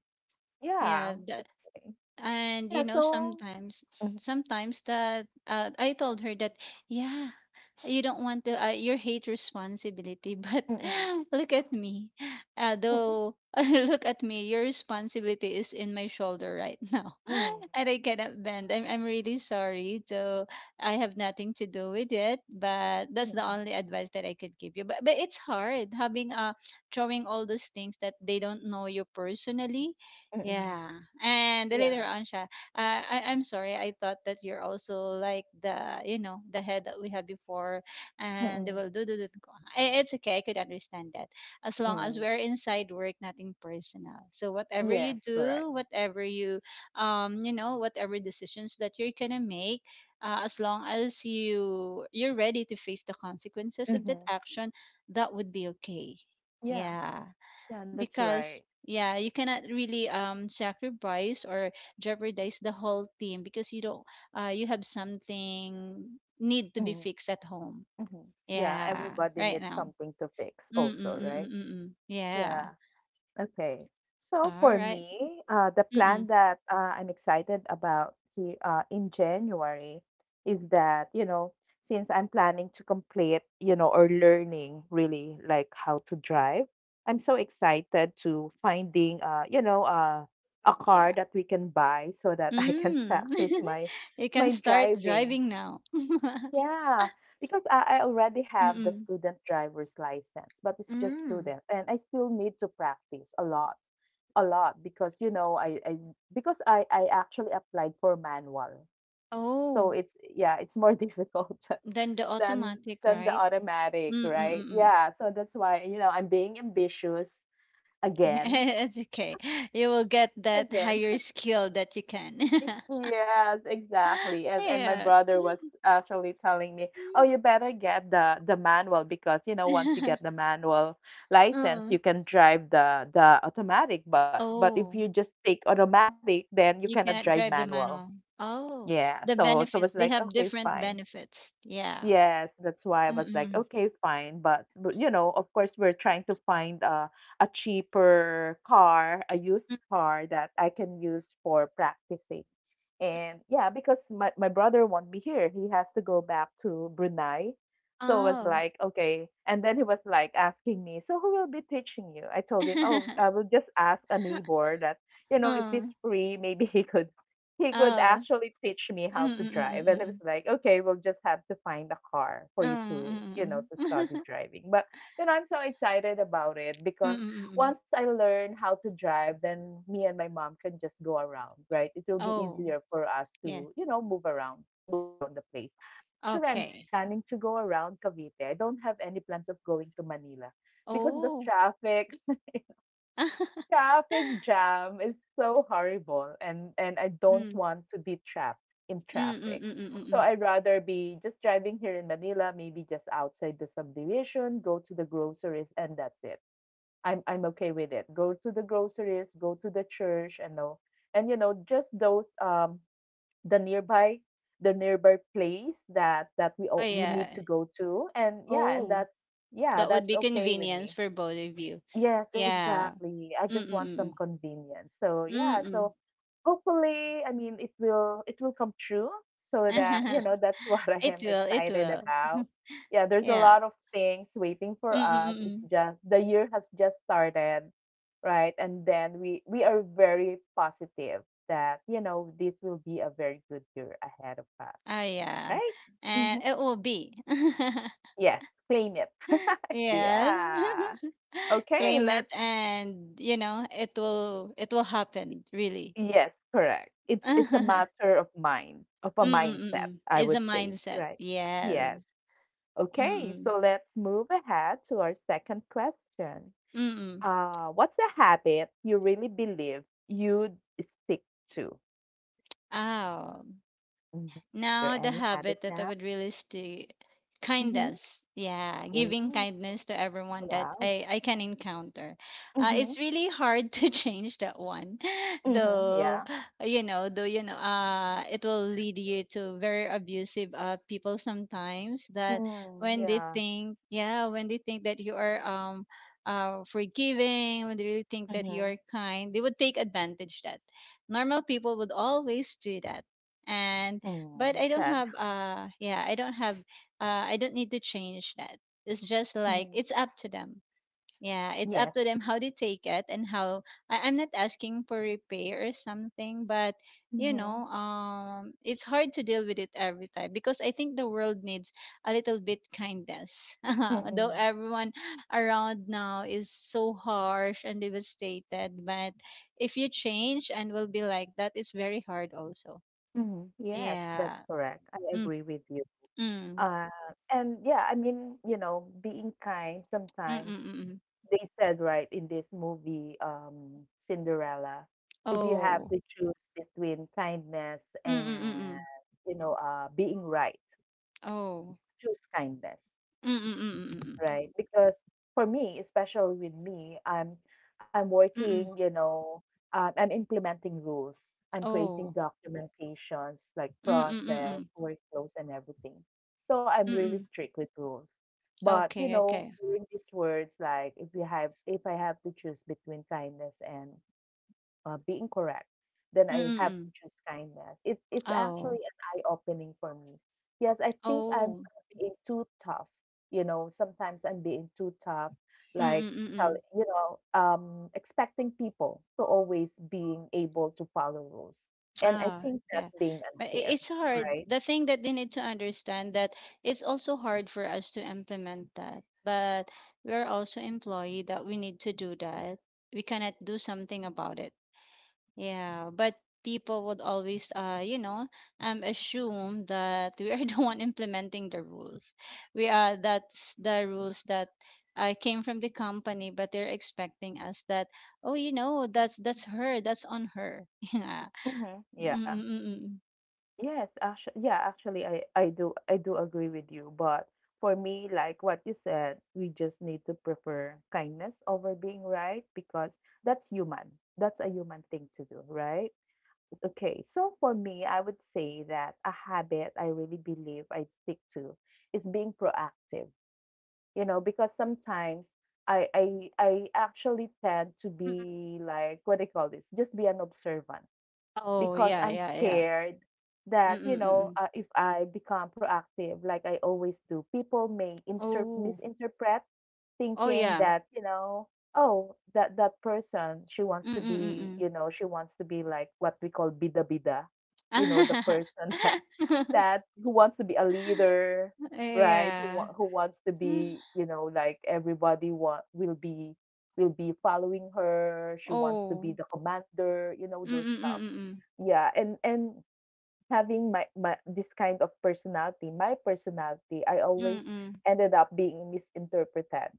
Speaker 1: Yeah.
Speaker 2: Yeah, that,
Speaker 1: Okay.
Speaker 2: and you
Speaker 1: Yeah.
Speaker 2: know
Speaker 1: So,
Speaker 2: sometimes
Speaker 1: mm-hmm,
Speaker 2: sometimes that I told her that yeah, you don't want to you hate responsibility, but
Speaker 1: mm-mm,
Speaker 2: look at me.
Speaker 1: mm-mm,
Speaker 2: Though, look at me, your responsibility is in my shoulder right now.
Speaker 1: mm-mm,
Speaker 2: And I cannot bend. I'm really sorry, so I have nothing to do with it, but that's the
Speaker 1: mm-mm,
Speaker 2: only advice that I could give you. But it's hard having throwing all those things that they don't know you personally.
Speaker 1: mm-mm,
Speaker 2: Yeah. And later
Speaker 1: yeah.
Speaker 2: on siya, I I'm sorry. I thought that you're also like the, you know, the head that we had before, and they
Speaker 1: Mm-mm.
Speaker 2: will do do do. Do. Ko. I- it's okay. I could understand that. As long as
Speaker 1: Mm,
Speaker 2: we're inside work, nothing personal. So whatever you
Speaker 1: yes,
Speaker 2: do,
Speaker 1: correct.
Speaker 2: whatever you you know, whatever decisions that you're going to make, as long as you you're ready to face the consequences of that
Speaker 1: Hmm.
Speaker 2: action, that would be okay.
Speaker 1: Yeah,
Speaker 2: Yeah,
Speaker 1: yeah, that's
Speaker 2: because
Speaker 1: right.
Speaker 2: yeah, you cannot really sacrifice or jeopardize the whole team because you don't you have something need to be
Speaker 1: Mm-hmm.
Speaker 2: fixed at home.
Speaker 1: Mm-hmm. Yeah,
Speaker 2: Yeah,
Speaker 1: everybody
Speaker 2: right
Speaker 1: needs
Speaker 2: now.
Speaker 1: something to fix
Speaker 2: Mm mm
Speaker 1: also,
Speaker 2: mm
Speaker 1: right?
Speaker 2: mm mm mm. Yeah.
Speaker 1: Yeah, okay. So
Speaker 2: All
Speaker 1: for
Speaker 2: right.
Speaker 1: me, the
Speaker 2: Mm mm.
Speaker 1: plan that I'm excited about here in January is that, you know, since I'm planning to complete, you know, or learning really like how to drive, I'm so excited to finding, you know, a car
Speaker 2: Yeah.
Speaker 1: that we can buy so that I can
Speaker 2: Mm.
Speaker 1: practice my
Speaker 2: You can
Speaker 1: my
Speaker 2: start
Speaker 1: driving.
Speaker 2: driving now. Mm.
Speaker 1: Yeah, because I already have the
Speaker 2: Mm.
Speaker 1: student driver's license, but it's just
Speaker 2: Mm.
Speaker 1: student, and I still need to practice a lot because you know I because I actually applied for manual, so
Speaker 2: Oh,
Speaker 1: it's yeah it's more difficult
Speaker 2: then the
Speaker 1: than
Speaker 2: automatic,
Speaker 1: than the
Speaker 2: right?
Speaker 1: automatic,
Speaker 2: Mm mm mm
Speaker 1: right?
Speaker 2: mm.
Speaker 1: Yeah, so that's why you know I'm being ambitious again,
Speaker 2: It's okay. You will get that
Speaker 1: again.
Speaker 2: higher skill that you can.
Speaker 1: Yes, exactly. And my
Speaker 2: Yeah.
Speaker 1: brother was actually telling me, "Oh, you better get the manual because you know once you get the manual license, you
Speaker 2: Mm.
Speaker 1: can drive the automatic, but if you
Speaker 2: Oh,
Speaker 1: just take automatic, then you
Speaker 2: you
Speaker 1: cannot
Speaker 2: cannot
Speaker 1: drive
Speaker 2: drive the
Speaker 1: manual."
Speaker 2: manual. Oh,
Speaker 1: Yeah.
Speaker 2: the
Speaker 1: So I
Speaker 2: benefits.
Speaker 1: was
Speaker 2: They
Speaker 1: like,
Speaker 2: have
Speaker 1: "Okay,
Speaker 2: different
Speaker 1: fine."
Speaker 2: benefits. Yeah.
Speaker 1: Yes, that's why I was like,
Speaker 2: Mm-mm.
Speaker 1: "Okay, fine." But you know, of course, we're trying to find a cheaper car, a used
Speaker 2: Mm.
Speaker 1: car that I can use for practicing and yeah, because my brother won't be here. He has to go back to Brunei. So I was
Speaker 2: Oh.
Speaker 1: like, okay. And then he was like asking me, so who will be teaching you? I told him, oh, I will just ask a neighbor that, you know, if
Speaker 2: Mm.
Speaker 1: he's free, maybe he could
Speaker 2: Oh.
Speaker 1: actually teach me how to drive. And it
Speaker 2: Mm-mm-mm-mm-mm.
Speaker 1: was like, okay, we'll just have to find a car for you to, you know,
Speaker 2: Mm-mm-mm-mm.
Speaker 1: to study driving. But you know, I'm so excited about it because
Speaker 2: Mm-mm-mm.
Speaker 1: once I learn how to drive, then me and my mom can just go around, right? It will be
Speaker 2: Oh,
Speaker 1: easier for us
Speaker 2: yes.
Speaker 1: to, you know, move around the place. Actually, I'm just
Speaker 2: Okay.
Speaker 1: planning to go around Cavite. I don't have any plans of going to Manila because the
Speaker 2: Oh.
Speaker 1: traffic, traffic jam is so horrible and I don't
Speaker 2: Mm.
Speaker 1: want to be trapped in traffic. So
Speaker 2: Mm-mm-mm-mm-mm.
Speaker 1: I'd rather be just driving here in Manila, maybe just outside the subdivision, go to the groceries and that's it. I'm okay with it. Go to the groceries, go to the church, and know, and you know, just those the nearby the nearby place that that we
Speaker 2: Oh
Speaker 1: all, we need
Speaker 2: yeah.
Speaker 1: to go to, and yeah, and
Speaker 2: Oh,
Speaker 1: that's yeah,
Speaker 2: that would
Speaker 1: that's
Speaker 2: be
Speaker 1: okay with
Speaker 2: convenience
Speaker 1: me.
Speaker 2: for both of you.
Speaker 1: Yes,
Speaker 2: Yeah.
Speaker 1: exactly. I just want some
Speaker 2: Mm-mm.
Speaker 1: convenience. So yeah,
Speaker 2: Mm-mm.
Speaker 1: so hopefully, I mean, it will come true so that, you know, that's what I
Speaker 2: It
Speaker 1: am
Speaker 2: will, it
Speaker 1: excited
Speaker 2: will.
Speaker 1: about. Yeah, there's a
Speaker 2: Yeah.
Speaker 1: lot of things waiting for us. It's
Speaker 2: Mm-mm.
Speaker 1: just the year has just started, right? And then we are very positive that, you know, this will be a very good year ahead of us,
Speaker 2: Oh yeah.
Speaker 1: right? Hmm.
Speaker 2: And it will be.
Speaker 1: Yes, claim it.
Speaker 2: Yes.
Speaker 1: Yeah. Okay,
Speaker 2: Claim it,
Speaker 1: let's
Speaker 2: and you know, it will, it will happen, really.
Speaker 1: yes, correct. It's a matter of mind, of a mindset,
Speaker 2: Mm-mm.
Speaker 1: I
Speaker 2: It's a
Speaker 1: would say,
Speaker 2: mindset.
Speaker 1: right?
Speaker 2: Yes.
Speaker 1: Yes. Okay,
Speaker 2: Mm-mm.
Speaker 1: so let's move ahead to our second question.
Speaker 2: Mm-mm.
Speaker 1: What's a habit you really believe you'd stick to?
Speaker 2: Oh.
Speaker 1: Hmm. Is
Speaker 2: Now,
Speaker 1: there
Speaker 2: the
Speaker 1: any
Speaker 2: habit
Speaker 1: habit
Speaker 2: that I
Speaker 1: now?
Speaker 2: would really stay
Speaker 1: Mm-hmm.
Speaker 2: kindness. Yeah,
Speaker 1: Oh,
Speaker 2: giving kindness to everyone that
Speaker 1: wow.
Speaker 2: I can encounter. It's
Speaker 1: Mm-hmm.
Speaker 2: really hard to change that one,
Speaker 1: Mm-hmm.
Speaker 2: though,
Speaker 1: Yeah.
Speaker 2: though, you know, it will lead you to very abusive people sometimes that
Speaker 1: Mm,
Speaker 2: when they
Speaker 1: yeah.
Speaker 2: think, yeah, when they think that you are forgiving, when they really think that you are
Speaker 1: Mm-hmm.
Speaker 2: kind, they would take advantage that. Normal people would always do that. And but
Speaker 1: Mm,
Speaker 2: I don't
Speaker 1: sad.
Speaker 2: have yeah, I don't have I don't need to change that. It's just like
Speaker 1: Mm-hmm.
Speaker 2: it's up to them. Yeah, it's up
Speaker 1: Yes.
Speaker 2: to them how they take it and how I'm not asking for repair or something, but you
Speaker 1: Mm-hmm.
Speaker 2: know, it's hard to deal with it every time because I think the world needs a little bit kindness. Though
Speaker 1: Mm-hmm.
Speaker 2: everyone around now is so harsh and devastated, but if you change and will be like that, it's very hard also.
Speaker 1: Mhm. Yes,
Speaker 2: Yeah.
Speaker 1: that's correct. I agree with you.
Speaker 2: Mm.
Speaker 1: Uh, and yeah, I mean, you know, being kind
Speaker 2: Mm,
Speaker 1: sometimes,
Speaker 2: mm, mm. Mm.
Speaker 1: they said, right, in this movie, Cinderella, if you have
Speaker 2: Oh.
Speaker 1: to choose between kindness
Speaker 2: Mm, mm, mm.
Speaker 1: and,
Speaker 2: Mm.
Speaker 1: you know, being right,
Speaker 2: Oh.
Speaker 1: choose kindness
Speaker 2: Mm, mm, mm, mm.
Speaker 1: right? Because for me, especially with me, I'm
Speaker 2: Mm, mm. Mm,
Speaker 1: working,
Speaker 2: mm.
Speaker 1: you know, I'm implementing rules. I'm creating
Speaker 2: Oh.
Speaker 1: documentations like
Speaker 2: Mm, mm, mm.
Speaker 1: process,
Speaker 2: Mm.
Speaker 1: workflows, and everything. So I'm
Speaker 2: Mm,
Speaker 1: really
Speaker 2: mm.
Speaker 1: strict with rules. But you
Speaker 2: Okay,
Speaker 1: know,
Speaker 2: okay.
Speaker 1: during these words, like if you have, if I have to choose between kindness and being correct, then
Speaker 2: Mm,
Speaker 1: I
Speaker 2: mm.
Speaker 1: have to
Speaker 2: Mm.
Speaker 1: choose kindness. It's
Speaker 2: Oh.
Speaker 1: actually an eye opening for me. Yes, I think I'm
Speaker 2: Oh.
Speaker 1: being too tough. You know, sometimes I'm being too tough,
Speaker 2: Mm,
Speaker 1: like
Speaker 2: mm, mm.
Speaker 1: tell
Speaker 2: Mm.
Speaker 1: you know, expecting people to always being able to follow rules, and I
Speaker 2: Ah,
Speaker 1: think
Speaker 2: yeah.
Speaker 1: that's being
Speaker 2: But
Speaker 1: unfair,
Speaker 2: it's hard.
Speaker 1: right?
Speaker 2: The thing that they need to understand that it's also hard for us to implement that. But we're also employee that we need to do that. We cannot do something about it. Yeah, but people would always, you know, assume that we are the one implementing the rules. We are that's the rules that came from the company, but they're expecting us that, oh, you know, that's her, that's on her. Yeah.
Speaker 1: Hmm. Yeah.
Speaker 2: Mm-mm-mm.
Speaker 1: Yes, actually, yeah, actually, I do agree with you, but for me, like what you said, we just need to prefer kindness over being right because that's human. That's a human thing to do, right? Okay, so for me, I would say that a habit I really believe I'd stick to is being proactive. You know, because sometimes I actually tend to
Speaker 2: Mm-mm.
Speaker 1: be like what do you call this? Just be an observant
Speaker 2: Oh
Speaker 1: because
Speaker 2: yeah,
Speaker 1: I'm
Speaker 2: yeah, yeah.
Speaker 1: scared that, you know,
Speaker 2: Mm-mm-mm.
Speaker 1: if I become proactive, like I always do, people may
Speaker 2: Oh,
Speaker 1: misinterpret
Speaker 2: oh
Speaker 1: thinking
Speaker 2: yeah.
Speaker 1: that, you know, oh, that that person, she wants to be,
Speaker 2: Mm-mm-mm.
Speaker 1: you know, she wants to be like what we call bida bida, you know, the person that that who wants to be a leader, right?
Speaker 2: Yeah.
Speaker 1: Who wants to be, you know, like everybody want will be following her. She wants to be
Speaker 2: Oh.
Speaker 1: the commander, you know, those stuff
Speaker 2: Mm-mm-mm.
Speaker 1: yeah, and having my this kind of personality, my personality, I always
Speaker 2: Mm.
Speaker 1: ended up being misinterpreted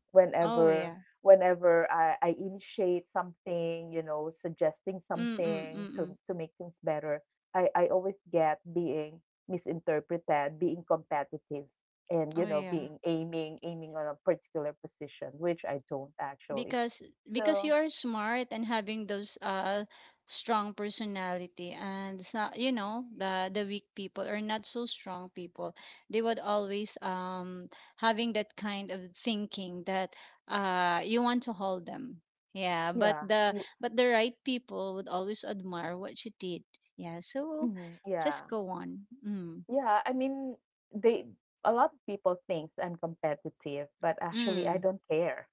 Speaker 2: Oh
Speaker 1: whenever
Speaker 2: yeah.
Speaker 1: whenever I initiate something, you know, suggesting
Speaker 2: Mm-mm,
Speaker 1: something
Speaker 2: mm-mm.
Speaker 1: to make things better. I always get being misinterpreted, being competitive and you
Speaker 2: Oh
Speaker 1: know,
Speaker 2: yeah.
Speaker 1: being aiming on a particular position, which I don't actually.
Speaker 2: Because because you
Speaker 1: So
Speaker 2: are smart and having those strong personality, and it's not, you know, the weak people or not so strong people, they would always having that kind of thinking that you want to hold them. Yeah, but
Speaker 1: yeah.
Speaker 2: the
Speaker 1: You,
Speaker 2: but the right people would always admire what she did. Yeah, so
Speaker 1: mhm,
Speaker 2: just
Speaker 1: yeah.
Speaker 2: go on. Mm.
Speaker 1: Yeah, I mean, they a lot of people thinks I'm competitive, but actually I
Speaker 2: Mm.
Speaker 1: don't care.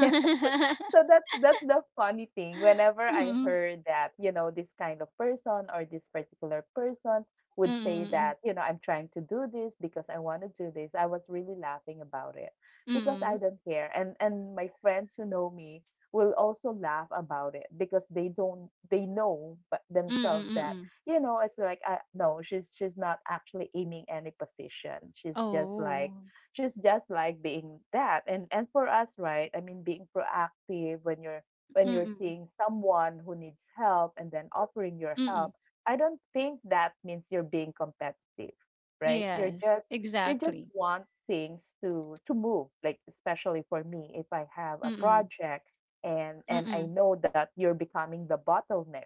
Speaker 1: Yeah, so, so that's the funny thing. Whenever I
Speaker 2: Mm.
Speaker 1: heard that, you know, this kind of person or this particular person would say
Speaker 2: Mm,
Speaker 1: that, you know, I'm trying to do this because I want to do this, I was really laughing about it
Speaker 2: mm,
Speaker 1: because I
Speaker 2: mm,
Speaker 1: don't care. And my friends who know me will also laugh about it because they don't they know but
Speaker 2: mm,
Speaker 1: themselves that
Speaker 2: mm.
Speaker 1: you know it's like no she's not actually aiming any position she's just like
Speaker 2: Oh,
Speaker 1: she's just like being that. And for us, right? I mean, being proactive when you're
Speaker 2: mm,
Speaker 1: seeing someone who needs help and then offering your
Speaker 2: mm.
Speaker 1: help, I don't think that means you're being competitive, right? You're
Speaker 2: Yes,
Speaker 1: just you just
Speaker 2: exactly.
Speaker 1: want things to move. Like especially for me, if I have a
Speaker 2: Mm,
Speaker 1: project and I
Speaker 2: mm.
Speaker 1: know that you're becoming the bottleneck,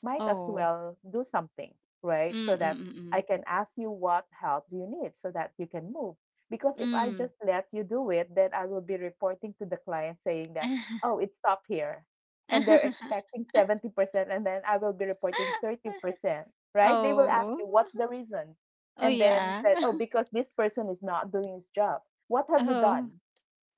Speaker 1: might as
Speaker 2: Oh,
Speaker 1: well do something, right? So
Speaker 2: mm,
Speaker 1: that
Speaker 2: mm, mm.
Speaker 1: I can ask you what help do you need so that you can move. Because if I just let you do it, then I will be reporting to the client saying that, oh, it stopped here. And they're
Speaker 2: Mm.
Speaker 1: expecting 70%, and then I will be reporting 30%, right? They will ask
Speaker 2: Oh,
Speaker 1: you, what's the reason?
Speaker 2: oh
Speaker 1: And then
Speaker 2: yeah.
Speaker 1: said, oh, because this person is not doing his job. What have you
Speaker 2: Oh,
Speaker 1: done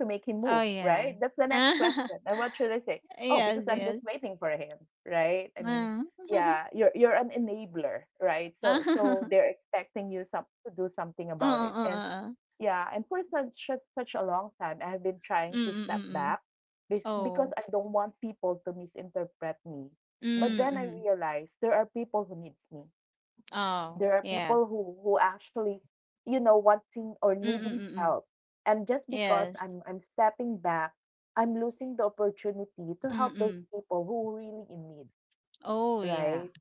Speaker 1: to make him
Speaker 2: oh
Speaker 1: move,
Speaker 2: yeah.
Speaker 1: right? That's the next question. And what should I say? Oh, because
Speaker 2: Yes,
Speaker 1: I'm
Speaker 2: yes.
Speaker 1: just waiting for him, right? I mean,
Speaker 2: Mm.
Speaker 1: yeah, you're an enabler, right? So they're expecting you some to do something about it.
Speaker 2: Uh-uh,
Speaker 1: And
Speaker 2: uh-uh.
Speaker 1: yeah, and for such a long time, I have been trying to step
Speaker 2: Mm-mm-mm.
Speaker 1: back because
Speaker 2: Oh.
Speaker 1: I don't want people to misinterpret me. But then I
Speaker 2: Mm-mm.
Speaker 1: realized there are people who needs me.
Speaker 2: Oh,
Speaker 1: There are
Speaker 2: yeah.
Speaker 1: people who actually, wanting or needing
Speaker 2: Mm-mm-mm.
Speaker 1: help. And just because
Speaker 2: Yes.
Speaker 1: I'm stepping back, I'm losing the opportunity to help those
Speaker 2: Mm-mm.
Speaker 1: people who really in need,
Speaker 2: Oh, yeah.
Speaker 1: right?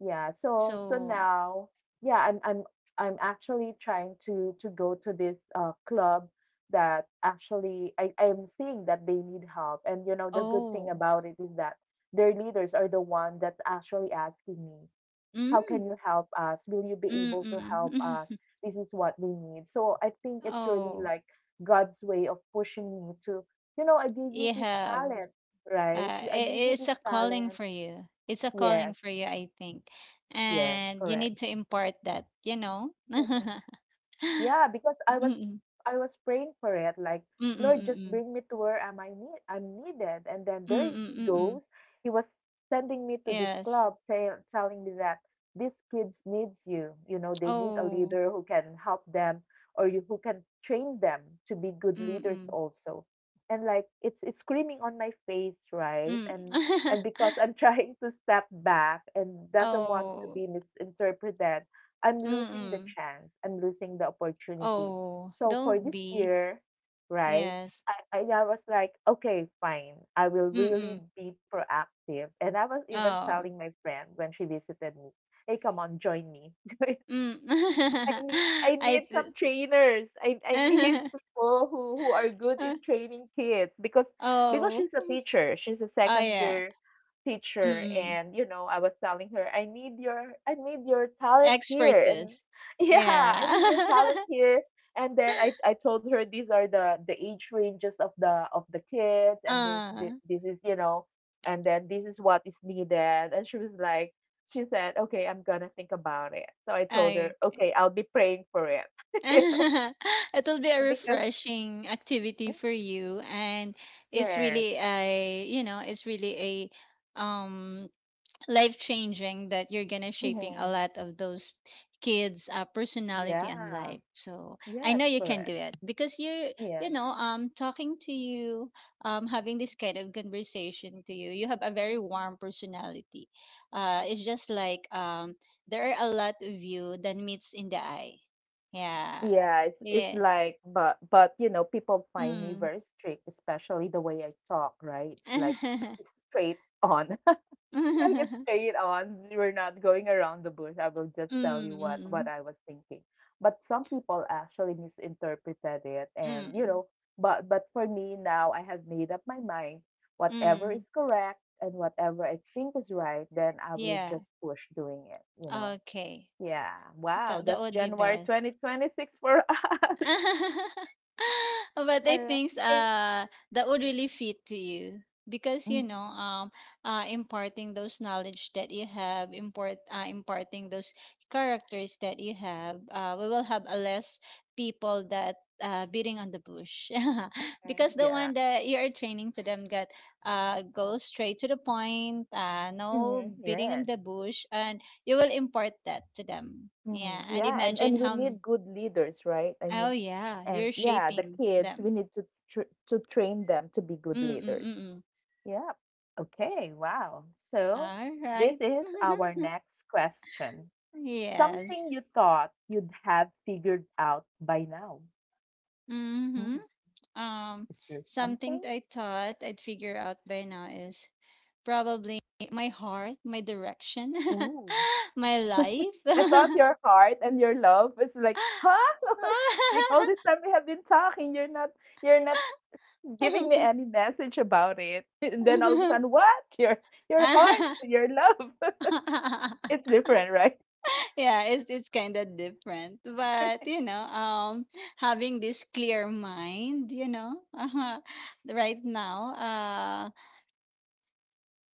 Speaker 1: Yeah, so
Speaker 2: So,
Speaker 1: now, yeah, I'm I'm actually trying to go to this club that actually I'm seeing that they need help. And you know, the good
Speaker 2: oh.
Speaker 1: thing about it is that their leaders are the one that's actually asking me, how
Speaker 2: Mm.
Speaker 1: can you help us? Will you be able to help
Speaker 2: Mm-mm.
Speaker 1: us? This is what we need. So I think it's really
Speaker 2: Oh,
Speaker 1: like God's way of pushing me to, you know, I gave you
Speaker 2: you
Speaker 1: this
Speaker 2: have.
Speaker 1: talent, right?
Speaker 2: Uh,
Speaker 1: I gave
Speaker 2: it,
Speaker 1: you
Speaker 2: it's
Speaker 1: this
Speaker 2: a calling
Speaker 1: talent.
Speaker 2: for you. It's a calling
Speaker 1: Yes,
Speaker 2: for you, I think.
Speaker 1: yes,
Speaker 2: And you
Speaker 1: correct.
Speaker 2: need to impart that, you know? Mm-mm.
Speaker 1: Yeah, because I was praying for it, like, Lord, just
Speaker 2: Mm-mm-mm.
Speaker 1: bring me to where am I need I'm needed. And then there he
Speaker 2: Mm-mm-mm.
Speaker 1: goes. He was sending me to this
Speaker 2: Yes.
Speaker 1: club say, telling me that these kids needs you. You know, they need a
Speaker 2: Oh.
Speaker 1: leader who can help them or you, who can train them to be good leaders
Speaker 2: Mm-mm.
Speaker 1: also. And like it's screaming on my face, right?
Speaker 2: Mm.
Speaker 1: And because I'm trying to step back and doesn't want to
Speaker 2: Oh.
Speaker 1: be misinterpreted. I'm losing the
Speaker 2: Mm-mm.
Speaker 1: chance. I'm losing the opportunity.
Speaker 2: Oh.
Speaker 1: So for
Speaker 2: Don't
Speaker 1: this
Speaker 2: be.
Speaker 1: year, right?
Speaker 2: Yes.
Speaker 1: I was like, okay, fine. I will really
Speaker 2: Mm-mm.
Speaker 1: be proactive. And I was even
Speaker 2: Oh.
Speaker 1: telling my friend when she visited me, hey, come on, join me.
Speaker 2: Mm.
Speaker 1: I
Speaker 2: I
Speaker 1: need
Speaker 2: see.
Speaker 1: some trainers. I need people who are good
Speaker 2: Uh,
Speaker 1: in training kids because
Speaker 2: oh.
Speaker 1: she's a teacher. She's a
Speaker 2: Oh
Speaker 1: second
Speaker 2: yeah.
Speaker 1: year teacher
Speaker 2: Mm-mm.
Speaker 1: and you know, I was telling her, I need your talent here and
Speaker 2: Expertise.
Speaker 1: yeah, I
Speaker 2: Yeah.
Speaker 1: need your talent here. And then I told her these are the age ranges of the kids and
Speaker 2: Uh,
Speaker 1: this is you know and then this is what is needed and she was like she said, "Okay, I'm gonna think about it." So I told her,
Speaker 2: okay.
Speaker 1: "Okay, I'll be praying for it," you know,
Speaker 2: It'll be a
Speaker 1: because
Speaker 2: refreshing activity for
Speaker 1: Mm,
Speaker 2: you, and it's
Speaker 1: yes,
Speaker 2: really a, you know, it's really a life changing that you're gonna shaping a
Speaker 1: hmm
Speaker 2: lot of those kids personality and
Speaker 1: yeah,
Speaker 2: life. So I
Speaker 1: yes,
Speaker 2: know you can do
Speaker 1: correct,
Speaker 2: it because you
Speaker 1: yes,
Speaker 2: know talking to you having this kind of conversation to you, you have a very warm personality. It's just like there are a lot of you that meets in the eye. Yeah.
Speaker 1: yeah. It's
Speaker 2: Yeah.
Speaker 1: like, but you know, people find me
Speaker 2: Mm.
Speaker 1: very strict, especially the way I talk. Right? It's like straight on. Like it's
Speaker 2: Mm.
Speaker 1: straight on. We're not going around the bush. I will just tell
Speaker 2: Mm.
Speaker 1: you what
Speaker 2: Mm.
Speaker 1: I was thinking. But some people actually misinterpreted it, and you
Speaker 2: Mm.
Speaker 1: know, but for me now, I have made up my mind. Whatever
Speaker 2: Mm.
Speaker 1: is correct and whatever I think is right, then I will
Speaker 2: Yeah.
Speaker 1: just push doing it. You know.
Speaker 2: Okay.
Speaker 1: Yeah.
Speaker 2: That
Speaker 1: Wow.
Speaker 2: that
Speaker 1: That's
Speaker 2: would be
Speaker 1: January
Speaker 2: best.
Speaker 1: 2026 for us.
Speaker 2: But I
Speaker 1: All right.
Speaker 2: think that would really fit to you because you know
Speaker 1: Mhm.
Speaker 2: imparting those knowledge that you have import imparting those characters that you have. We will have a less people that beating on the bush because the one
Speaker 1: Yeah.
Speaker 2: that you are training to them got go straight to the point, no
Speaker 1: Mhm.
Speaker 2: beating on
Speaker 1: Yes.
Speaker 2: the bush, and you will impart that to them. Yeah,
Speaker 1: Mhm.
Speaker 2: and
Speaker 1: Yeah, and
Speaker 2: imagine
Speaker 1: and we
Speaker 2: how many.
Speaker 1: need good leaders, right? I
Speaker 2: Oh
Speaker 1: mean,
Speaker 2: yeah, you're
Speaker 1: and yeah, the
Speaker 2: shaping
Speaker 1: kids,
Speaker 2: them.
Speaker 1: we need to tr to train them to be good
Speaker 2: Mm mm
Speaker 1: leaders.
Speaker 2: mm. Mm.
Speaker 1: Yeah. Okay, wow. So
Speaker 2: All right.
Speaker 1: this is our next question.
Speaker 2: Yes.
Speaker 1: Something you thought you'd have figured out by now. Hmm,
Speaker 2: Mm-hmm.
Speaker 1: is
Speaker 2: Um,
Speaker 1: there something?
Speaker 2: something I thought I'd figure out by now is probably my heart, my direction,
Speaker 1: Ooh.
Speaker 2: my life.
Speaker 1: I thought your heart and your love is like, huh? Like all this time we have been talking, you're not giving me any message about it. And then all of a sudden, what? Your heart, your love. It's different, right?
Speaker 2: Yeah, it's kind of different, but you know, having this clear mind, you know, right now, uh,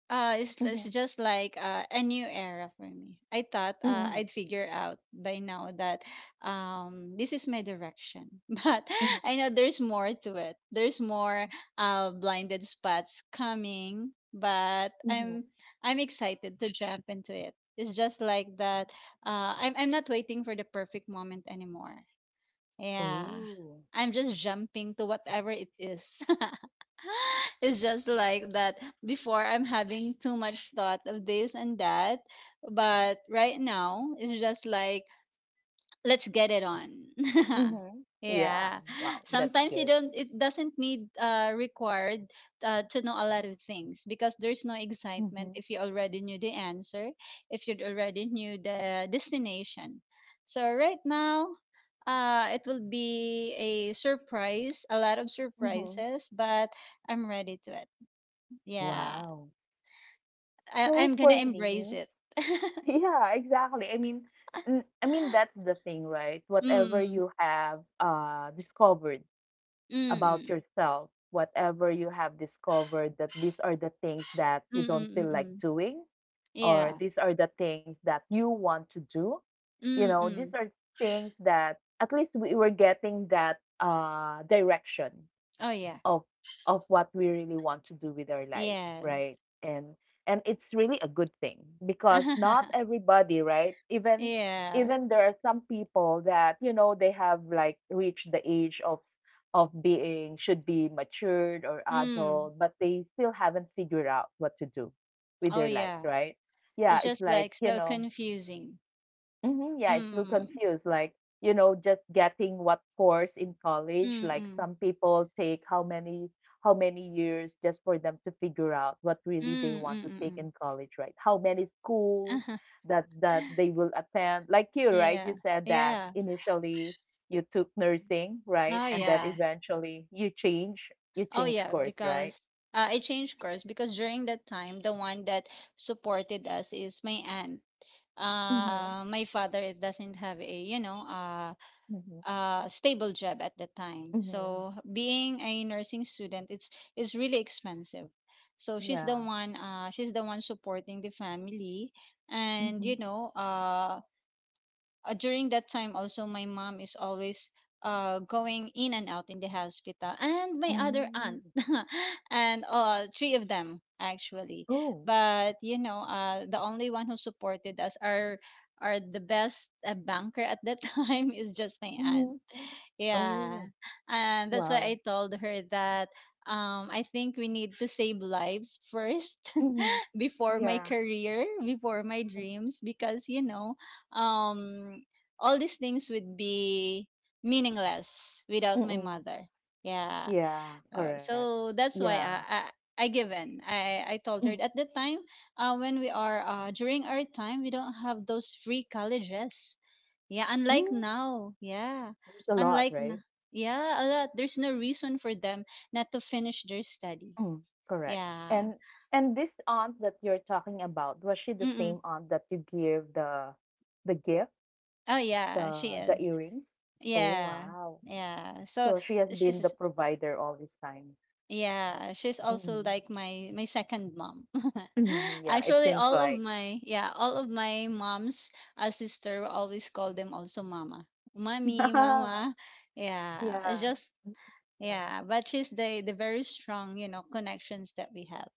Speaker 2: uh,
Speaker 1: Mm-hmm.
Speaker 2: it's just like a new era for me. I thought
Speaker 1: Mm-hmm.
Speaker 2: I'd figure out by now that this is my direction, but
Speaker 1: Mm-hmm.
Speaker 2: I know there's more to it. There's more blinded spots coming, but
Speaker 1: Mm-hmm.
Speaker 2: I'm excited to jump into it. It's just like that. I'm not waiting for the perfect moment anymore. Yeah.
Speaker 1: Ooh.
Speaker 2: I'm just jumping to whatever it is. It's just like that. Before, I'm having too much thought of this and that. But right now, it's just like let's get it on.
Speaker 1: Mm-hmm. Yeah.
Speaker 2: Yeah.
Speaker 1: Wow. That's
Speaker 2: Sometimes you
Speaker 1: good.
Speaker 2: don't it doesn't need required to know a lot of things because there's no
Speaker 1: Mm-hmm.
Speaker 2: excitement if you already knew the answer, if you already knew the destination. So right now it will be a surprise, a lot of
Speaker 1: Mm-hmm.
Speaker 2: surprises, but I'm ready to it. Yeah.
Speaker 1: Wow.
Speaker 2: I
Speaker 1: So
Speaker 2: I'm going
Speaker 1: for
Speaker 2: to embrace
Speaker 1: me,
Speaker 2: it.
Speaker 1: yeah, exactly. I mean, I mean that's the thing, right? Whatever
Speaker 2: Mm.
Speaker 1: you have discovered
Speaker 2: Mm.
Speaker 1: about
Speaker 2: Mm.
Speaker 1: yourself, whatever you have discovered that these are the things that
Speaker 2: Mm.
Speaker 1: you don't
Speaker 2: Mm.
Speaker 1: feel like
Speaker 2: Mm.
Speaker 1: doing, or
Speaker 2: Yeah.
Speaker 1: these are the things that you want to do you know these
Speaker 2: Mm.
Speaker 1: are things that at least we were getting that direction
Speaker 2: Oh yeah.
Speaker 1: of what we really want to do with our life,
Speaker 2: Yes.
Speaker 1: right? And it's really a good thing because not everybody, right? Even
Speaker 2: Yeah.
Speaker 1: even there are some people that you know they have like reached the age of being should be matured or
Speaker 2: Mm.
Speaker 1: adult, but they still haven't figured out what to do with
Speaker 2: Oh
Speaker 1: their lives,
Speaker 2: yeah.
Speaker 1: right? Yeah,
Speaker 2: It's
Speaker 1: it's
Speaker 2: just
Speaker 1: like
Speaker 2: like
Speaker 1: you
Speaker 2: so
Speaker 1: know.
Speaker 2: confusing.
Speaker 1: Mhm, yeah, it's still
Speaker 2: Mm.
Speaker 1: confused. Like, you know, just getting what course in college.
Speaker 2: Mm.
Speaker 1: Like
Speaker 2: Mm.
Speaker 1: some people take how many years just for them to figure out what really they
Speaker 2: Mm.
Speaker 1: want
Speaker 2: Mm.
Speaker 1: to take
Speaker 2: Mm.
Speaker 1: in college, right? How many schools
Speaker 2: Mm.
Speaker 1: that they will attend. Like you, right?
Speaker 2: Yeah.
Speaker 1: You said that
Speaker 2: Yeah.
Speaker 1: initially you took nursing, right?
Speaker 2: Oh
Speaker 1: And then
Speaker 2: yeah.
Speaker 1: eventually you
Speaker 2: Oh
Speaker 1: change
Speaker 2: yeah,
Speaker 1: course, right?
Speaker 2: because I changed course because during that time the one that supported us is my aunt.
Speaker 1: Mm-hmm.
Speaker 2: My father doesn't have a, you know, uh,
Speaker 1: Mm-hmm.
Speaker 2: uh, stable job at the time.
Speaker 1: Mm-hmm.
Speaker 2: So being a nursing student, it's is really expensive. So
Speaker 1: Yeah.
Speaker 2: she's the one supporting the family, and
Speaker 1: Mm-hmm.
Speaker 2: during that time also my mom is always going in and out in the hospital and my other
Speaker 1: Oh.
Speaker 2: aunt and three of them actually,
Speaker 1: Oh.
Speaker 2: but the only one who supported us are the best, banker at that time is just my aunt.
Speaker 1: Mm-hmm.
Speaker 2: Yeah.
Speaker 1: Oh.
Speaker 2: And that's why
Speaker 1: Wow.
Speaker 2: I told her that, I think we need to save lives first,
Speaker 1: Mhm.
Speaker 2: before my
Speaker 1: Yeah.
Speaker 2: career, before my dreams, because um, all these things would be meaningless without my
Speaker 1: Mm.
Speaker 2: mother. Yeah.
Speaker 1: Yeah,
Speaker 2: Uh,
Speaker 1: correct.
Speaker 2: so that's why
Speaker 1: Yeah.
Speaker 2: I give in. I told her
Speaker 1: Mm.
Speaker 2: at the time, when we are during our time, we don't have those free colleges. Yeah, unlike
Speaker 1: Mm.
Speaker 2: now. Yeah,
Speaker 1: There's a lot,
Speaker 2: unlike n-
Speaker 1: right?
Speaker 2: yeah, a lot. There's no reason for them not to finish their study.
Speaker 1: Mm. Correct.
Speaker 2: Yeah.
Speaker 1: And and this aunt that you're talking about, was she the
Speaker 2: Mm-mm.
Speaker 1: same aunt that you give the gift,
Speaker 2: Oh yeah, she
Speaker 1: the
Speaker 2: is.
Speaker 1: earrings? Oh,
Speaker 2: Yeah,
Speaker 1: wow.
Speaker 2: yeah. So
Speaker 1: So she has been
Speaker 2: she's
Speaker 1: the provider all this time.
Speaker 2: yeah, she's also
Speaker 1: Mhm.
Speaker 2: like my second mom.
Speaker 1: Mhm. Yeah, it
Speaker 2: Actually,
Speaker 1: seems
Speaker 2: all of
Speaker 1: like.
Speaker 2: my yeah, all of my mom's sister we always call them also mama, mommy, mama. Yeah, it's
Speaker 1: Yeah.
Speaker 2: just
Speaker 1: That's Nice.
Speaker 2: yeah. But she's the very strong, connections that we have.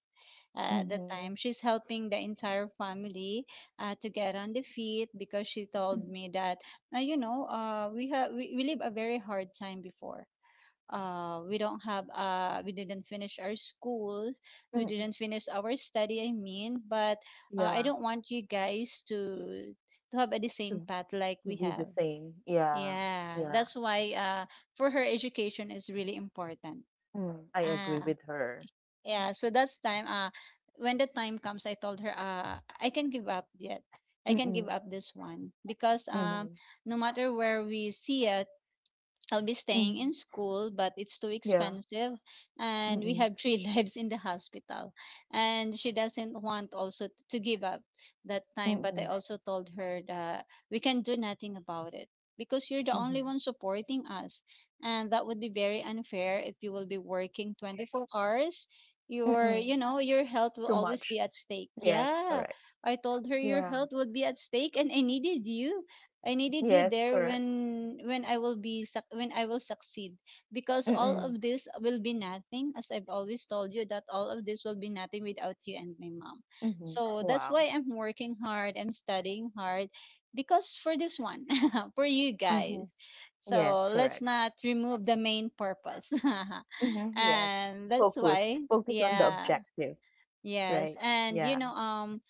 Speaker 2: At the
Speaker 1: Mhm.
Speaker 2: time, she's helping the entire family to get on the feet because she
Speaker 1: Mhm.
Speaker 2: told me that, we live a very hard time before. We don't have, we didn't finish our schools, we
Speaker 1: Mm.
Speaker 2: didn't finish our study, I mean, but I
Speaker 1: Yeah.
Speaker 2: don't want you guys to have the same path like we
Speaker 1: To be
Speaker 2: have.
Speaker 1: the same. Yeah.
Speaker 2: Yeah,
Speaker 1: Yeah.
Speaker 2: that's why for her education is really important.
Speaker 1: Mm, I agree
Speaker 2: Ah
Speaker 1: with her.
Speaker 2: yeah, so that's time, when the time comes I told her, I can give
Speaker 1: Mm-mm,
Speaker 2: up this one because,
Speaker 1: mhm,
Speaker 2: no matter where we see it, I'll be staying
Speaker 1: mhm.
Speaker 2: in school, but it's too
Speaker 1: Yeah.
Speaker 2: expensive. And we
Speaker 1: Mm-mm,
Speaker 2: have three lives in the hospital. And she doesn't want also to give up that time. But I
Speaker 1: mm-mm,
Speaker 2: also told her that we can do nothing about it because you're the only
Speaker 1: mhm,
Speaker 2: one supporting us. And that would be very unfair if you will be working 24 hours. Your,
Speaker 1: mm-mm.
Speaker 2: you know, your health will
Speaker 1: Too
Speaker 2: always
Speaker 1: much.
Speaker 2: be at stake.
Speaker 1: Yes,
Speaker 2: Yeah.
Speaker 1: correct.
Speaker 2: I told her your
Speaker 1: Yeah.
Speaker 2: health would be at stake and I needed you. I needed you
Speaker 1: Yes,
Speaker 2: there
Speaker 1: correct.
Speaker 2: when I will succeed because all
Speaker 1: Mm-mm,
Speaker 2: of this will be nothing, as I've always told you that all of this will be nothing without you and my mom.
Speaker 1: mhm,
Speaker 2: So that's
Speaker 1: Wow.
Speaker 2: why I'm working hard, I'm studying hard, because for this one, for you
Speaker 1: Mhm,
Speaker 2: guys.
Speaker 1: Yes,
Speaker 2: So let's
Speaker 1: correct.
Speaker 2: not remove the main purpose.
Speaker 1: Mhm. Yes.
Speaker 2: And that's
Speaker 1: Focus.
Speaker 2: why,
Speaker 1: Focus on the
Speaker 2: yeah,
Speaker 1: objective,
Speaker 2: yes.
Speaker 1: right?
Speaker 2: And
Speaker 1: Yeah.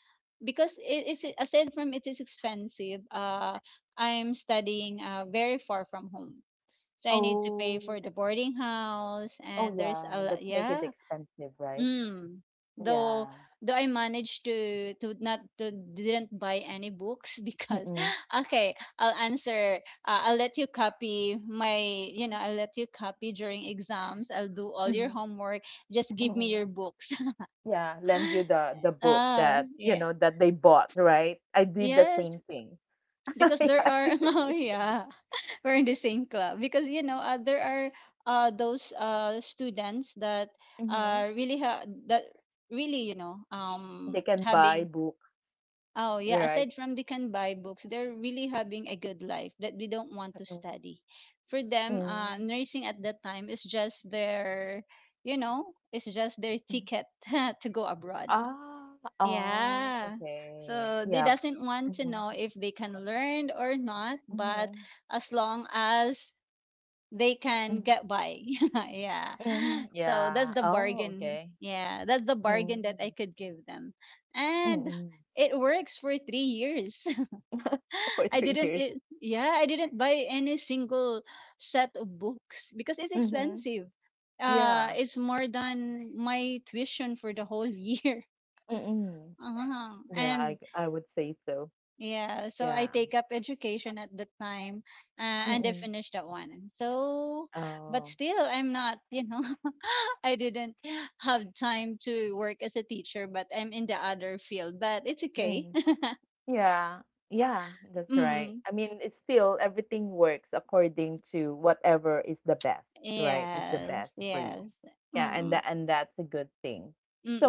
Speaker 2: because it is aside from it is expensive, I'm studying very far from home, so I need to pay
Speaker 1: Oh,
Speaker 2: for the boarding house
Speaker 1: oh
Speaker 2: and there's
Speaker 1: yeah.
Speaker 2: a
Speaker 1: That's
Speaker 2: lot.
Speaker 1: make it
Speaker 2: Yeah.
Speaker 1: expensive, right?
Speaker 2: Mm.
Speaker 1: Yeah.
Speaker 2: Though though I managed to not to didn't buy any books because,
Speaker 1: Mm-mm,
Speaker 2: okay, I'll let you copy my, you know I'll let you copy during exams, I'll do all your
Speaker 1: mhm,
Speaker 2: homework, just give me
Speaker 1: mhm.
Speaker 2: your books.
Speaker 1: Yeah, lend you the book
Speaker 2: Ah
Speaker 1: that, you
Speaker 2: yeah.
Speaker 1: know, that they bought, right? I did the
Speaker 2: Yes,
Speaker 1: same thing.
Speaker 2: because
Speaker 1: Yeah,
Speaker 2: there
Speaker 1: I
Speaker 2: are
Speaker 1: did the
Speaker 2: oh
Speaker 1: same.
Speaker 2: yeah, we're in the same club, because there are those students that
Speaker 1: Mhm.
Speaker 2: that really,
Speaker 1: They can buy
Speaker 2: having
Speaker 1: books,
Speaker 2: oh yeah,
Speaker 1: right?
Speaker 2: aside from the can buy books, they're really having a good life that we don't want to
Speaker 1: Mm,
Speaker 2: study for them.
Speaker 1: mm,
Speaker 2: Nursing at that time is just their, it's just their
Speaker 1: mm.
Speaker 2: ticket to go abroad.
Speaker 1: Ah, oh,
Speaker 2: Yeah.
Speaker 1: okay.
Speaker 2: So they
Speaker 1: Yeah.
Speaker 2: doesn't want to
Speaker 1: Mhm,
Speaker 2: know if they can learn or not, but
Speaker 1: mhm,
Speaker 2: as long as they can
Speaker 1: mhm,
Speaker 2: get by. Yeah.
Speaker 1: mhm.
Speaker 2: So
Speaker 1: Yeah.
Speaker 2: that's the
Speaker 1: Oh,
Speaker 2: bargain.
Speaker 1: okay.
Speaker 2: Yeah, that's the bargain that
Speaker 1: Mm,
Speaker 2: I could give them. And
Speaker 1: mm.
Speaker 2: it works for 3 years.
Speaker 1: For
Speaker 2: I
Speaker 1: three
Speaker 2: didn't
Speaker 1: years.
Speaker 2: it, yeah, I didn't buy any single set of books because it's
Speaker 1: Mhm.
Speaker 2: expensive.
Speaker 1: Yeah.
Speaker 2: It's more than my tuition for the whole year.
Speaker 1: Mm. Hmm.
Speaker 2: Uh-huh.
Speaker 1: Yeah,
Speaker 2: And
Speaker 1: I would say so.
Speaker 2: Yeah, so I
Speaker 1: Yeah.
Speaker 2: take up education at the time, and I
Speaker 1: Mm.
Speaker 2: finished that one. So, but
Speaker 1: Hmm.
Speaker 2: still, I'm not, I didn't have time to work as a teacher, but I'm in the other field, but it's okay.
Speaker 1: Oh. Yeah. Yeah, that's right.
Speaker 2: Mm,
Speaker 1: I mean, it's still everything works according to whatever is the best, right? Is the
Speaker 2: yes,
Speaker 1: best for
Speaker 2: yes.
Speaker 1: you. Yeah, and
Speaker 2: Mm,
Speaker 1: that and that's a good thing.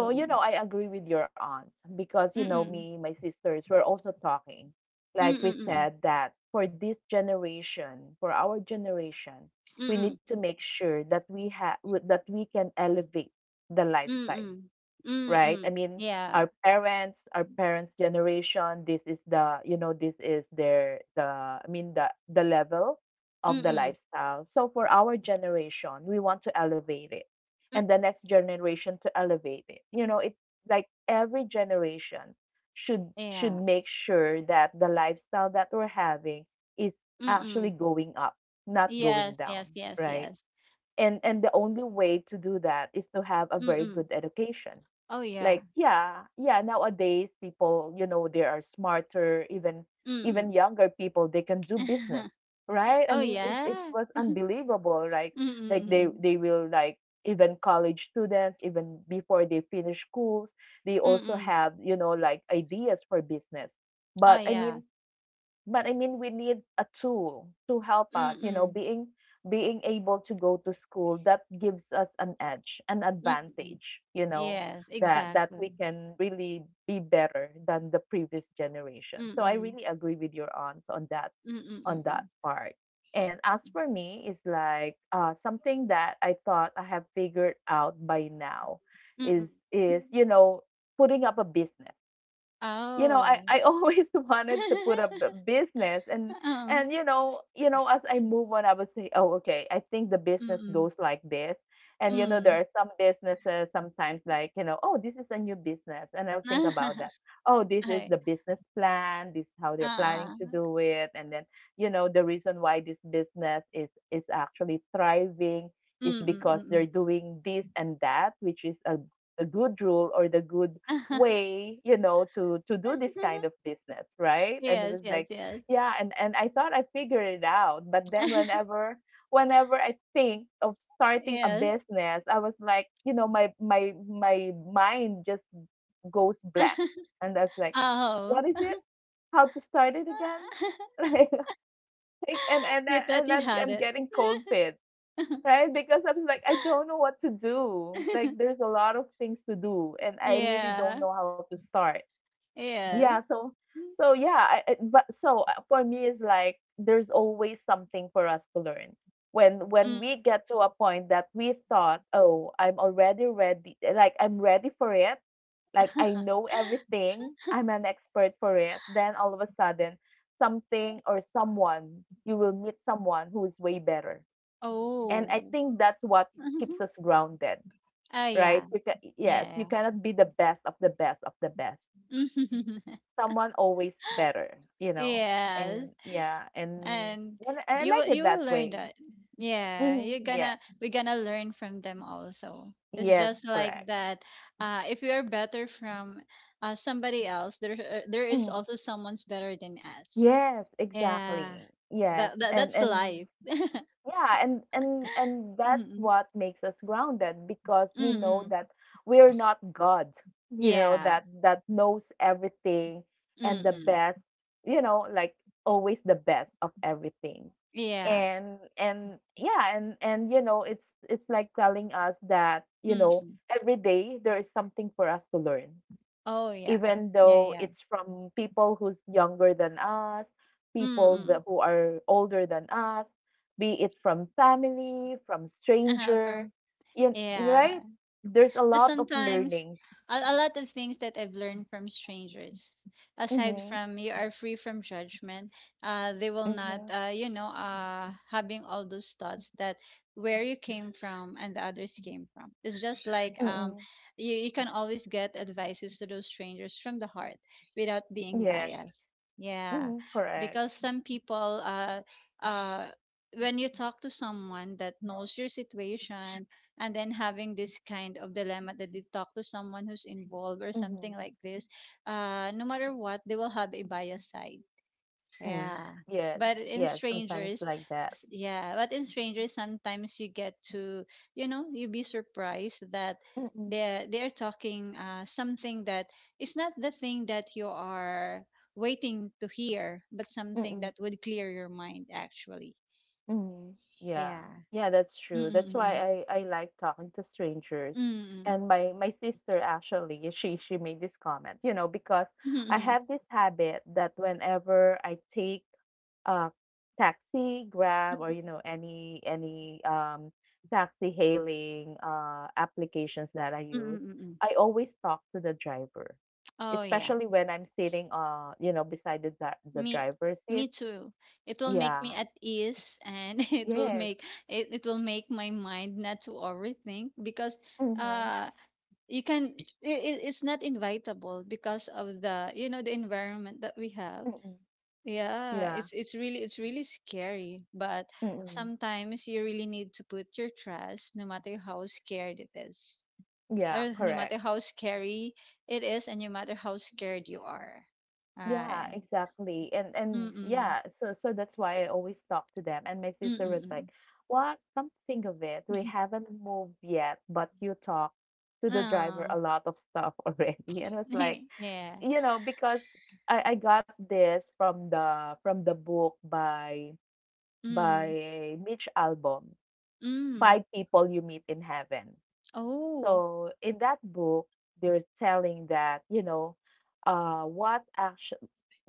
Speaker 1: So, you know, I agree with your aunt because you
Speaker 2: mm,
Speaker 1: know
Speaker 2: mm,
Speaker 1: me, my sisters were also talking.
Speaker 2: mm,
Speaker 1: Like we
Speaker 2: mm,
Speaker 1: said that for this generation, for our generation, we
Speaker 2: mm,
Speaker 1: need to make sure that we have that we can elevate the
Speaker 2: mm,
Speaker 1: lifestyle,
Speaker 2: mm, mm,
Speaker 1: right? I
Speaker 2: mm,
Speaker 1: mean,
Speaker 2: yeah,
Speaker 1: our parents' generation, this is the, you know, this is their the I mean the level of
Speaker 2: mm,
Speaker 1: the
Speaker 2: mm,
Speaker 1: lifestyle. So for our generation, we want to elevate it
Speaker 2: mm,
Speaker 1: and the next generation to elevate it. You know, it's like every generation should
Speaker 2: yeah,
Speaker 1: make sure that the lifestyle that we're having is
Speaker 2: mm,
Speaker 1: actually
Speaker 2: mm,
Speaker 1: going up, not going
Speaker 2: yes, yes,
Speaker 1: down,
Speaker 2: yes,
Speaker 1: right?
Speaker 2: yes,
Speaker 1: And the only way to do that is to have a
Speaker 2: mm,
Speaker 1: very
Speaker 2: mm,
Speaker 1: good education
Speaker 2: oh, yeah.
Speaker 1: like, yeah, yeah, nowadays people, you know, they are smarter, even even
Speaker 2: Mm-mm.
Speaker 1: younger people, they can do business, right? I
Speaker 2: Oh,
Speaker 1: mean, it
Speaker 2: yeah.
Speaker 1: was unbelievable,
Speaker 2: Mm-mm,
Speaker 1: like they
Speaker 2: mm-mm.
Speaker 1: they will like even college students, even before they finish schools, they also have, you know, like ideas for business.
Speaker 2: Oh,
Speaker 1: But I
Speaker 2: yeah.
Speaker 1: mean, but I mean, we need a tool to help us, you know,
Speaker 2: Mm-mm.
Speaker 1: being able to go to school that gives us an edge, an
Speaker 2: Mm-mm.
Speaker 1: advantage, you know,
Speaker 2: Yes,
Speaker 1: that we
Speaker 2: exactly.
Speaker 1: can really be better than the previous generation. So I
Speaker 2: Mm-mm.
Speaker 1: really agree with your aunt on that
Speaker 2: Mm-mm, mm-mm.
Speaker 1: part. And as for me, is like something that I thought I have figured out by now
Speaker 2: Mm-mm.
Speaker 1: is you know putting up a business. You know i
Speaker 2: Oh.
Speaker 1: i always wanted to put up the business. and
Speaker 2: Oh.
Speaker 1: and you know as I move on I would say, oh, okay, I think the business
Speaker 2: Mm-mm.
Speaker 1: goes like this. And you know there
Speaker 2: Mm.
Speaker 1: are some businesses sometimes like, you know, oh, this is a new business and I'll think about that. Oh, this is
Speaker 2: Okay.
Speaker 1: the business plan, this is how they're planning
Speaker 2: Uh-uh.
Speaker 1: to do it. And then you know the reason why this business is actually thriving is
Speaker 2: Mm-mm,
Speaker 1: because
Speaker 2: mm-mm.
Speaker 1: they're doing this and that, which is a good rule or the good way, you know, to do this kind of business, right? And it
Speaker 2: Yes,
Speaker 1: was
Speaker 2: yes,
Speaker 1: like
Speaker 2: yes.
Speaker 1: yeah. And I thought I figured it out, but then whenever whenever I think of starting a
Speaker 2: Yes.
Speaker 1: business I was like, you know, my my mind just goes blank. And I was like, what is
Speaker 2: Oh.
Speaker 1: it, how to start it again, like. And
Speaker 2: You
Speaker 1: I-
Speaker 2: thought
Speaker 1: and
Speaker 2: you had
Speaker 1: I'm
Speaker 2: it.
Speaker 1: getting cold feet, right? Because I'm like, I don't know what to do. Like there's a lot of things to do and I really don't
Speaker 2: Yeah.
Speaker 1: know how to start.
Speaker 2: Yes.
Speaker 1: Yeah, so yeah, I- but so for me it's like there's always something for us to learn. When
Speaker 2: Mm.
Speaker 1: we get to a point that we thought, "Oh, I'm already ready. Like I'm ready for it. Like I know everything. I'm an expert for it." Then all of a sudden, something or someone, you will meet someone who is way better. And I
Speaker 2: Oh.
Speaker 1: think that's what keeps us grounded,
Speaker 2: Oh
Speaker 1: right?
Speaker 2: yeah.
Speaker 1: Yes, you
Speaker 2: Yeah.
Speaker 1: cannot be the best of the best of the best
Speaker 2: Yeah.
Speaker 1: someone always better, you know?
Speaker 2: Yes.
Speaker 1: And yeah, and
Speaker 2: And
Speaker 1: and and I
Speaker 2: you
Speaker 1: like
Speaker 2: will
Speaker 1: it
Speaker 2: you
Speaker 1: that
Speaker 2: will learn
Speaker 1: way.
Speaker 2: that. Yeah,
Speaker 1: Mhm.
Speaker 2: you're
Speaker 1: Yes.
Speaker 2: gonna we're gonna learn from them also. It's
Speaker 1: Yes,
Speaker 2: just like
Speaker 1: correct.
Speaker 2: that. If we are better from, somebody else, there is
Speaker 1: Mhm.
Speaker 2: also someone's better than us.
Speaker 1: Yes,
Speaker 2: Yeah.
Speaker 1: exactly. Yes.
Speaker 2: That, that
Speaker 1: And
Speaker 2: that's
Speaker 1: and
Speaker 2: life.
Speaker 1: yeah, and that's
Speaker 2: Mm-mm.
Speaker 1: what makes us grounded because we know
Speaker 2: Mm-mm.
Speaker 1: that we're not God,
Speaker 2: Yeah.
Speaker 1: that knows everything and the
Speaker 2: Mm-mm.
Speaker 1: best, like always the best of everything.
Speaker 2: Yeah.
Speaker 1: And yeah, and it's like telling us that
Speaker 2: Mm-mm.
Speaker 1: every day there is something for us to learn
Speaker 2: Oh yeah.
Speaker 1: even
Speaker 2: Yeah,
Speaker 1: though
Speaker 2: yeah.
Speaker 1: it's from people who's younger than us, people that
Speaker 2: Mm-mm.
Speaker 1: who are older than us, be it from family, from
Speaker 2: Uh-huh,
Speaker 1: stranger,
Speaker 2: from
Speaker 1: you,
Speaker 2: yeah.
Speaker 1: right? There's a
Speaker 2: But
Speaker 1: lot of
Speaker 2: sometimes
Speaker 1: learning.
Speaker 2: a lot of things that I've learned from strangers, aside
Speaker 1: Mm-hmm.
Speaker 2: from you are free from judgment, they will not,
Speaker 1: Mm-hmm.
Speaker 2: having all those thoughts that where you came from and the others came from. It's just like,
Speaker 1: Mm-mm.
Speaker 2: you can always get advices to those strangers from the heart, without being
Speaker 1: Yes.
Speaker 2: biased. Yeah,
Speaker 1: Mm-hmm. Correct.
Speaker 2: because some people, uh, when you talk to someone that knows your situation and then having this kind of dilemma that they talk to someone who's involved or
Speaker 1: Mm-hmm.
Speaker 2: something like this, no matter what, they will have a biased side.
Speaker 1: Mm.
Speaker 2: Yeah.
Speaker 1: Yes.
Speaker 2: But in
Speaker 1: Yes. Sometimes
Speaker 2: strangers,
Speaker 1: like that.
Speaker 2: yeah, but in strangers, sometimes you get to, you be surprised that
Speaker 1: Mm-mm.
Speaker 2: they're talking, something that is not the thing that you are waiting to hear, but something
Speaker 1: Mm-mm.
Speaker 2: that would clear your mind actually.
Speaker 1: Mhm. Yeah.
Speaker 2: Yeah.
Speaker 1: Yeah, that's true. That's
Speaker 2: Mm-mm-mm.
Speaker 1: why I like talking to strangers.
Speaker 2: Mm-mm.
Speaker 1: And my sister actually, she made this comment, because I have this habit that whenever I take a taxi, Grab, or any taxi hailing applications that I
Speaker 2: Mm,
Speaker 1: use,
Speaker 2: mm, mm.
Speaker 1: I always talk to the driver.
Speaker 2: Oh, yeah.
Speaker 1: Especially when I'm sitting beside the the
Speaker 2: Me
Speaker 1: driver's seat.
Speaker 2: Me too. It will make
Speaker 1: Yeah.
Speaker 2: me at ease, and it will
Speaker 1: Yes.
Speaker 2: make my mind not to overthink, because
Speaker 1: Mhm.
Speaker 2: uh you can it, it- it's not invitable because of the, the environment that we have.
Speaker 1: Mm.
Speaker 2: Yeah,
Speaker 1: Yeah.
Speaker 2: it's really scary, but
Speaker 1: Mm.
Speaker 2: sometimes you really need to put your trust no matter how scared it is.
Speaker 1: Yeah,
Speaker 2: Or no matter
Speaker 1: correct.
Speaker 2: how scary it is, and no matter how scared you are.
Speaker 1: Yeah,
Speaker 2: Right.
Speaker 1: exactly. And
Speaker 2: Mm.
Speaker 1: yeah, so that's why I always talk to them. And my
Speaker 2: Mm,
Speaker 1: sister was
Speaker 2: mm.
Speaker 1: like, "What? Come to think of it, we haven't moved yet, but you talk to the driver
Speaker 2: Oh.
Speaker 1: a lot of stuff already." And I was like,
Speaker 2: Yeah.
Speaker 1: because I got this from the book by
Speaker 2: Mm.
Speaker 1: Mitch Albom,
Speaker 2: Mm.
Speaker 1: Five People You Meet in Heaven.
Speaker 2: Oh.
Speaker 1: So in that book, they're telling that, what action,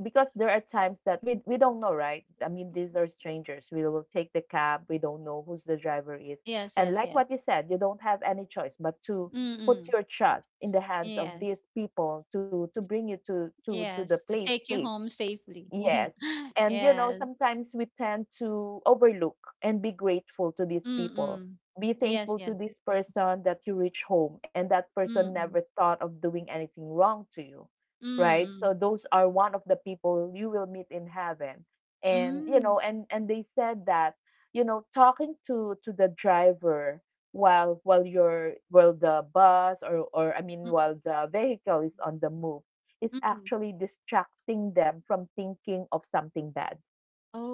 Speaker 1: because there are times that we don't know, right? I mean, these are strangers. We will take the cab. We don't know who's the driver is.
Speaker 2: Yes,
Speaker 1: And
Speaker 2: yes,
Speaker 1: like
Speaker 2: yes.
Speaker 1: what you said, you don't have any choice but to put
Speaker 2: Mm.
Speaker 1: your trust in the hands of
Speaker 2: Yes.
Speaker 1: these people to bring you to the
Speaker 2: Yes. To
Speaker 1: place
Speaker 2: take you
Speaker 1: safe.
Speaker 2: home safely. Yeah.
Speaker 1: Yes. And
Speaker 2: Yes.
Speaker 1: sometimes we tend to overlook and be grateful to these people.
Speaker 2: Mm.
Speaker 1: Be
Speaker 2: Yes,
Speaker 1: thankful
Speaker 2: yes.
Speaker 1: to this person that you reach home and that person
Speaker 2: Mm.
Speaker 1: never thought of doing anything wrong to you, right?
Speaker 2: Mm.
Speaker 1: So those are one of the people you will meet in heaven. And
Speaker 2: Mm.
Speaker 1: and they said that talking to the driver while you're while the bus or I mean
Speaker 2: Mm.
Speaker 1: while the vehicle is on the move is
Speaker 2: Mm.
Speaker 1: actually distracting them from thinking of something bad.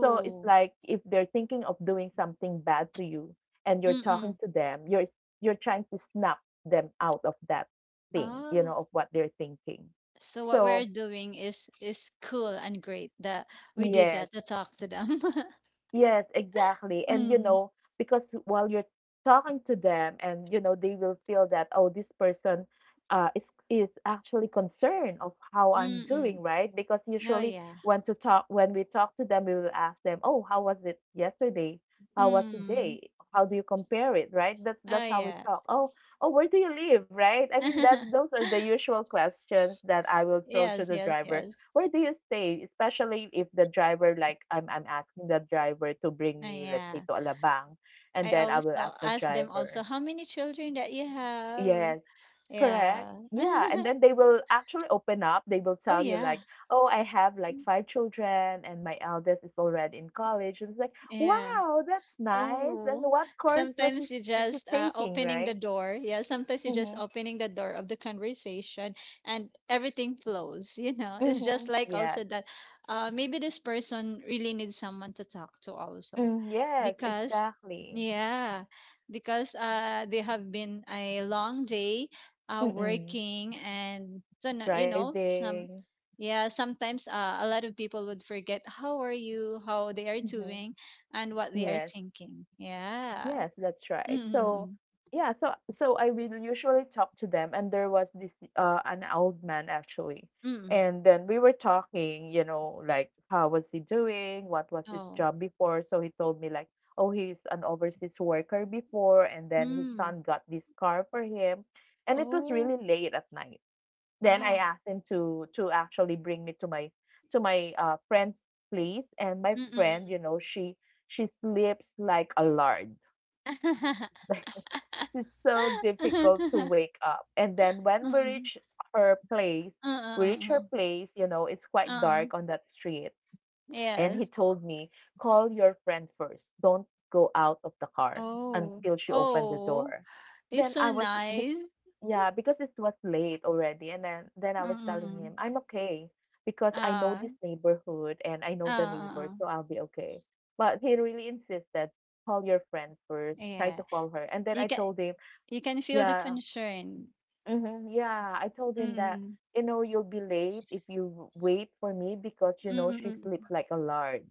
Speaker 1: So it's like if they're thinking of doing something bad to you and you're talking
Speaker 2: Mm.
Speaker 1: to them, you're trying to snap them out of that thing, you
Speaker 2: Ah.
Speaker 1: know, of what they're thinking.
Speaker 2: So what we're
Speaker 1: So
Speaker 2: doing is cool and great that we did
Speaker 1: yes.
Speaker 2: that to talk to them.
Speaker 1: Yes, exactly. And
Speaker 2: Mm.
Speaker 1: because while you're talking to them and they will feel that, oh, this person uh is is actually concerned of how I'm doing,
Speaker 2: Mm.
Speaker 1: right? Because
Speaker 2: Oh
Speaker 1: usually
Speaker 2: yeah.
Speaker 1: when we talk to them, we will ask them, "Oh, how was it yesterday? How was
Speaker 2: Mm.
Speaker 1: today? How do you compare it, right?" That's
Speaker 2: Oh
Speaker 1: that's how we
Speaker 2: yeah.
Speaker 1: talk. Oh, oh, where do you live, right? I mean that those are the usual questions that I will throw to
Speaker 2: Yes,
Speaker 1: the
Speaker 2: yes,
Speaker 1: driver.
Speaker 2: yes.
Speaker 1: Where do you stay? Especially if the driver like I'm asking the driver to bring
Speaker 2: Oh
Speaker 1: me, let's say,
Speaker 2: yeah.
Speaker 1: to Alabang, and
Speaker 2: I
Speaker 1: then I
Speaker 2: always
Speaker 1: will ask the
Speaker 2: ask them also
Speaker 1: driver.
Speaker 2: how many children that you have.
Speaker 1: Yes, correct.
Speaker 2: Yeah.
Speaker 1: Yeah, and then they will actually open up. They will
Speaker 2: Oh
Speaker 1: tell you
Speaker 2: yeah.
Speaker 1: like, "Oh, I have like five children, and my eldest is already in college." And it's like,
Speaker 2: Yeah.
Speaker 1: "Wow, that's nice." And
Speaker 2: Oh,
Speaker 1: what course was it,
Speaker 2: sometimes you
Speaker 1: is it
Speaker 2: just,
Speaker 1: taking,
Speaker 2: opening the
Speaker 1: right?
Speaker 2: door. Yeah, sometimes you just
Speaker 1: Mm-hmm.
Speaker 2: opening the door of the conversation, and everything flows, you know. It's just
Speaker 1: Mm-hmm.
Speaker 2: like also
Speaker 1: Yes.
Speaker 2: that, maybe this person really needs someone to talk to also,
Speaker 1: Mm, yes,
Speaker 2: because,
Speaker 1: exactly.
Speaker 2: yeah, because they have been a long day,
Speaker 1: Mm-mm.
Speaker 2: working, and so some.
Speaker 1: Driving.
Speaker 2: Yeah, sometimes a lot of people would forget how are you, how they are
Speaker 1: Mm-hmm.
Speaker 2: doing, and what they are
Speaker 1: Yes.
Speaker 2: thinking. Yeah.
Speaker 1: Yes, that's right. So,
Speaker 2: Mm-mm.
Speaker 1: yeah, so I will usually talk to them, and there was this an old man actually,
Speaker 2: Mm-mm.
Speaker 1: and then we were talking, like how was he doing, what was his
Speaker 2: Oh.
Speaker 1: job before. So he told me like, "Oh, he's an overseas worker before," and then his
Speaker 2: Mm.
Speaker 1: son got this car for him, and it was
Speaker 2: Oh.
Speaker 1: really late at night. Then I
Speaker 2: Ah.
Speaker 1: asked him to actually bring me to my friend's place, and my friend,
Speaker 2: Mm-mm.
Speaker 1: she sleeps like a lard. It's so difficult to wake up. And then when we
Speaker 2: Mm-mm.
Speaker 1: reach her place,
Speaker 2: Uh-uh.
Speaker 1: it's quite
Speaker 2: Uh-uh.
Speaker 1: dark on that street. And
Speaker 2: Yes.
Speaker 1: he told me, "Call your friend first. Don't go out of the car
Speaker 2: Oh.
Speaker 1: until she opened the
Speaker 2: Oh.
Speaker 1: door."
Speaker 2: It's
Speaker 1: Then
Speaker 2: so
Speaker 1: be-
Speaker 2: nice.
Speaker 1: yeah, because it was late already. And then, I was telling him,
Speaker 2: Mm-mm.
Speaker 1: I'm okay because I know
Speaker 2: Uh,
Speaker 1: this neighborhood and I know
Speaker 2: uh,
Speaker 1: the
Speaker 2: uh,
Speaker 1: neighbors,
Speaker 2: uh.
Speaker 1: so I'll be okay. But he really insisted, "Call your friend first, try to
Speaker 2: Yeah.
Speaker 1: call her." And then
Speaker 2: You
Speaker 1: I
Speaker 2: can
Speaker 1: told him,
Speaker 2: you can feel the
Speaker 1: yeah.
Speaker 2: concern.
Speaker 1: Hmm. Yeah. I told him that,
Speaker 2: Mm-mm.
Speaker 1: you know, you'll be late if you wait for me because she sleeps
Speaker 2: Mm-mm.
Speaker 1: like a lard.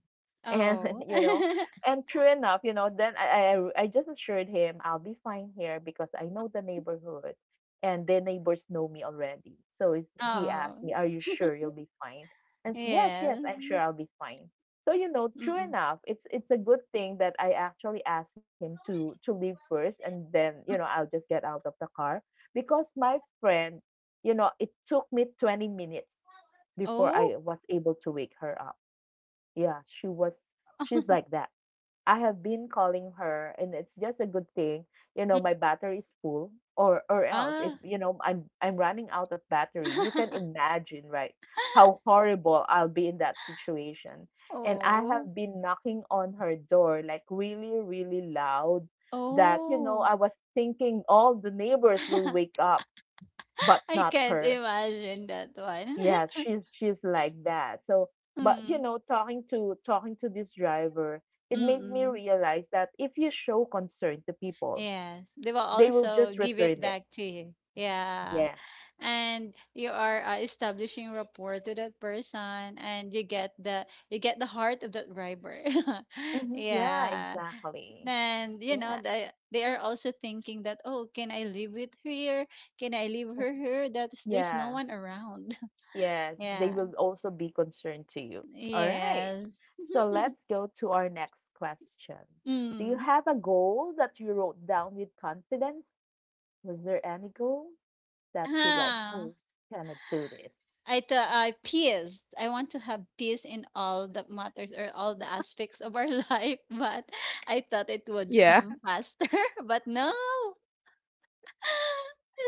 Speaker 1: And,
Speaker 2: Oh.
Speaker 1: you know, and true enough, then I just assured him I'll be fine here because I know the neighborhood and the neighbors know me already. He
Speaker 2: Oh.
Speaker 1: asked me, "Are you sure you'll be fine?" And yes, yes,
Speaker 2: Yes.
Speaker 1: I'm sure I'll be fine. So, true
Speaker 2: Mm.
Speaker 1: enough, it's a good thing that I actually asked him to leave first and then,
Speaker 2: Mm.
Speaker 1: I'll just get out of the car because my friend, it took me 20 minutes before I
Speaker 2: Oh.
Speaker 1: was able to wake her up. Yeah, she's like that. I have been calling her, and it's just a good thing,
Speaker 2: Mm.
Speaker 1: my battery is full, or else if
Speaker 2: Ah.
Speaker 1: you know I'm running out of battery, you can imagine, right, how horrible I'll be in that situation. And I
Speaker 2: Oh.
Speaker 1: have been knocking on her door like really, really loud that
Speaker 2: Oh.
Speaker 1: I was thinking all the neighbors will wake up but
Speaker 2: I
Speaker 1: not
Speaker 2: can't
Speaker 1: her.
Speaker 2: imagine that one.
Speaker 1: Yeah, she's she's like that. So, but
Speaker 2: Mm.
Speaker 1: talking to this driver, it makes me
Speaker 2: Mm-mm.
Speaker 1: realize that if you show concern to people,
Speaker 2: Yes. They will
Speaker 1: they will
Speaker 2: also
Speaker 1: just
Speaker 2: give it
Speaker 1: return it.
Speaker 2: back to you. Yeah.
Speaker 1: Yeah.
Speaker 2: And you are, establishing rapport to that person, and you get the, you get the heart of that driver.
Speaker 1: Hmm. Yeah,
Speaker 2: Yeah.
Speaker 1: exactly.
Speaker 2: And
Speaker 1: Yeah.
Speaker 2: they are also thinking that, oh, can I live with her? Can I leave
Speaker 1: Mm.
Speaker 2: her here, that is, there's no
Speaker 1: Yeah.
Speaker 2: one around?
Speaker 1: Yes, they
Speaker 2: Yeah.
Speaker 1: will also be concerned to you. All right.
Speaker 2: Yes.
Speaker 1: So let's go to our next question. Do you
Speaker 2: Mm.
Speaker 1: have a goal that you wrote down with confidence? Was there any goal that you like,
Speaker 2: Ah,
Speaker 1: oh, can I do this?
Speaker 2: I want to have peace in all the matters or all the aspects of our life, but I thought it would
Speaker 1: Yeah.
Speaker 2: come faster, but no.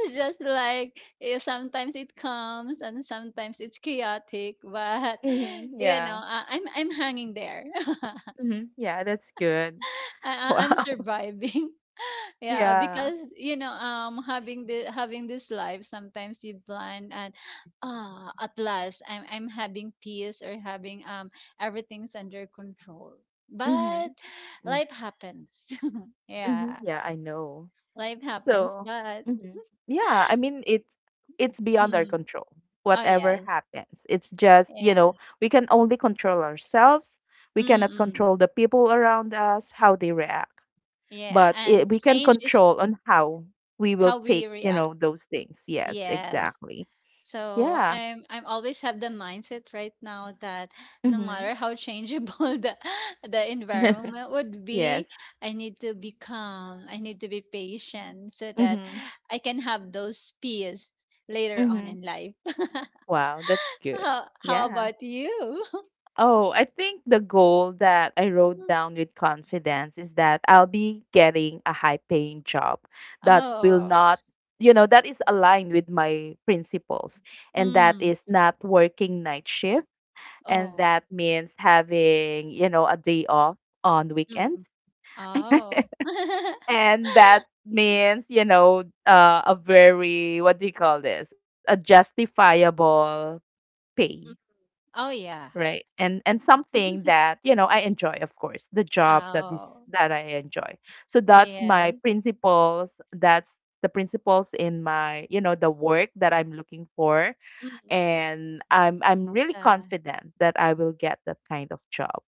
Speaker 2: It's just like, sometimes it comes and sometimes it's chaotic, but
Speaker 1: Mhm.
Speaker 2: you know,
Speaker 1: Yeah.
Speaker 2: I'm hanging there.
Speaker 1: Mhm. Yeah, that's good.
Speaker 2: I, I'm
Speaker 1: Wow.
Speaker 2: surviving. Yeah,
Speaker 1: Yeah.
Speaker 2: because having the having this life, sometimes you plan and at last I'm having peace or having everything's under control. But
Speaker 1: Mhm. Mm.
Speaker 2: life happens.
Speaker 1: Mhm.
Speaker 2: Yeah,
Speaker 1: Yeah, I know.
Speaker 2: life happens.
Speaker 1: So,
Speaker 2: But
Speaker 1: mhm. Yeah, I mean it's beyond our
Speaker 2: mm,
Speaker 1: control.
Speaker 2: oh
Speaker 1: Whatever
Speaker 2: yes,
Speaker 1: happens, it's just, you
Speaker 2: yeah.
Speaker 1: know, we can only control ourselves. We cannot
Speaker 2: Mm-mm.
Speaker 1: control the people around us, how they react.
Speaker 2: Yeah,
Speaker 1: But we
Speaker 2: and
Speaker 1: can
Speaker 2: change is
Speaker 1: control on how we will
Speaker 2: how
Speaker 1: take,
Speaker 2: we react.
Speaker 1: those things. Yes,
Speaker 2: Yes.
Speaker 1: exactly.
Speaker 2: So
Speaker 1: Yeah.
Speaker 2: I'm always have the mindset right now that no
Speaker 1: Mhm.
Speaker 2: matter how changeable the the environment would
Speaker 1: Yes.
Speaker 2: be, I need to be calm. I need to be patient so that
Speaker 1: Mhm.
Speaker 2: I can have those peace later on
Speaker 1: Mhm.
Speaker 2: in life.
Speaker 1: Wow, that's good.
Speaker 2: How
Speaker 1: Yeah.
Speaker 2: about you?
Speaker 1: Oh, I think the goal that I wrote down with confidence is that I'll be getting a high paying job that will
Speaker 2: Oh,
Speaker 1: not, that is aligned with my principles and that
Speaker 2: mm,
Speaker 1: is not working night shift and
Speaker 2: oh,
Speaker 1: that means having a day off on weekends.
Speaker 2: mm, oh.
Speaker 1: And that means a very, what do you call this, a justifiable pay,
Speaker 2: Mm. Oh, yeah.
Speaker 1: right? And something that I enjoy, of course, the job that is
Speaker 2: Oh,
Speaker 1: that I enjoy. So that's my
Speaker 2: yes.
Speaker 1: principles, that's the principles in my, the work that I'm looking for.
Speaker 2: Mm.
Speaker 1: And I'm really
Speaker 2: Uh,
Speaker 1: confident that I will get that kind of job.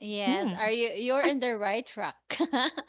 Speaker 2: yes.
Speaker 1: Hmm.
Speaker 2: Are you're in the right track?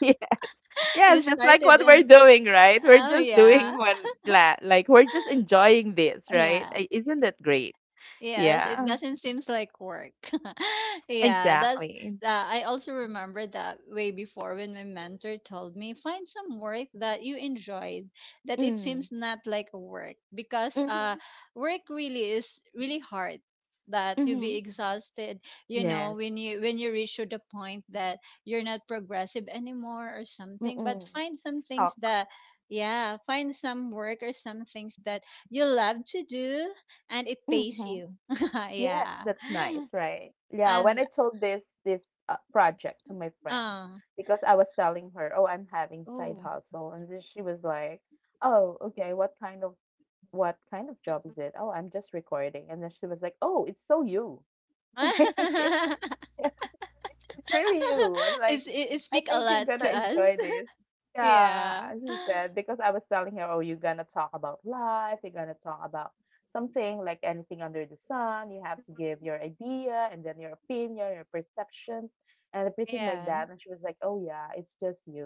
Speaker 2: You
Speaker 1: Yes, just like
Speaker 2: started
Speaker 1: what we're
Speaker 2: in.
Speaker 1: doing, right? We're
Speaker 2: Oh
Speaker 1: just
Speaker 2: yeah.
Speaker 1: doing like we're just enjoying this, right?
Speaker 2: Yeah.
Speaker 1: Isn't that great?
Speaker 2: Yes, it
Speaker 1: Yeah,
Speaker 2: doesn't seems like work. Yeah, that's.
Speaker 1: exactly.
Speaker 2: I also remember that way before when my mentor told me find some work that you enjoyed, that it
Speaker 1: Mm.
Speaker 2: seems not like a work because
Speaker 1: Mm-hmm.
Speaker 2: work really is really hard, that you'll be
Speaker 1: Mm-hmm.
Speaker 2: exhausted, you know,
Speaker 1: Yes.
Speaker 2: when you reach to the point that you're not progressive anymore or something, but
Speaker 1: Mm-mm.
Speaker 2: find some things
Speaker 1: Stock.
Speaker 2: that, yeah, find some work or some things that you love to do and it pays
Speaker 1: Mm-hmm.
Speaker 2: you.
Speaker 1: Yes,
Speaker 2: Yeah.
Speaker 1: that's nice, right? Yeah, when
Speaker 2: And
Speaker 1: I told this project to my friend,
Speaker 2: um
Speaker 1: because I was telling her, "Oh, I'm having side
Speaker 2: oh.
Speaker 1: hustle." And then she was like, "Oh, okay, what kind of job is it?" Oh, I'm just recording, and then she was like, "Oh, it's so you." Yes, it's really you. And like,
Speaker 2: It
Speaker 1: I
Speaker 2: speak a
Speaker 1: think you're
Speaker 2: lot
Speaker 1: gonna
Speaker 2: to us.
Speaker 1: enjoy this. Yeah,
Speaker 2: Yeah.
Speaker 1: as you said, because I was telling her, "Oh, you're gonna talk about life, you're gonna talk about something like anything under the sun. You have to give your idea and then your opinion, your perceptions, and everything like
Speaker 2: Yeah.
Speaker 1: that." And she was like, "Oh yeah, it's just you."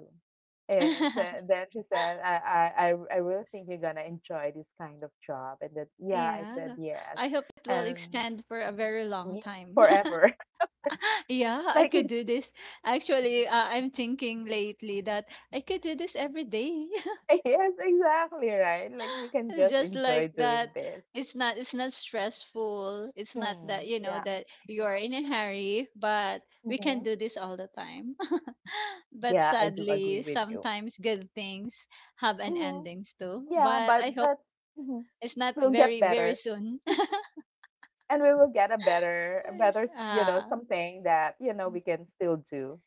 Speaker 1: It's Then she said, I really think you're gonna enjoy this kind of job." And then yeah, I
Speaker 2: Yeah.
Speaker 1: said yes,
Speaker 2: I hope it will
Speaker 1: and
Speaker 2: extend for a very long
Speaker 1: ye-
Speaker 2: time.
Speaker 1: forever.
Speaker 2: Yeah, I
Speaker 1: like
Speaker 2: could
Speaker 1: it
Speaker 2: do this. Actually, I'm thinking lately that I could do this every day.
Speaker 1: Yes, exactly, right? Like you can
Speaker 2: It's
Speaker 1: just
Speaker 2: just
Speaker 1: enjoy
Speaker 2: like
Speaker 1: doing
Speaker 2: that.
Speaker 1: this.
Speaker 2: It's not stressful. It's not that,
Speaker 1: Hmm.
Speaker 2: you know,
Speaker 1: Yeah.
Speaker 2: that you are in a hurry, but we can
Speaker 1: Mm-hmm.
Speaker 2: do this all the time. But
Speaker 1: Yeah, I do agree
Speaker 2: sadly,
Speaker 1: with you.
Speaker 2: sometimes good things have an
Speaker 1: Hmm.
Speaker 2: endings too.
Speaker 1: Yeah,
Speaker 2: But
Speaker 1: but
Speaker 2: I hope
Speaker 1: but mhm,
Speaker 2: it's not
Speaker 1: we'll get
Speaker 2: very very
Speaker 1: better,
Speaker 2: soon.
Speaker 1: and we will get a better,
Speaker 2: Ah,
Speaker 1: something that we can still do.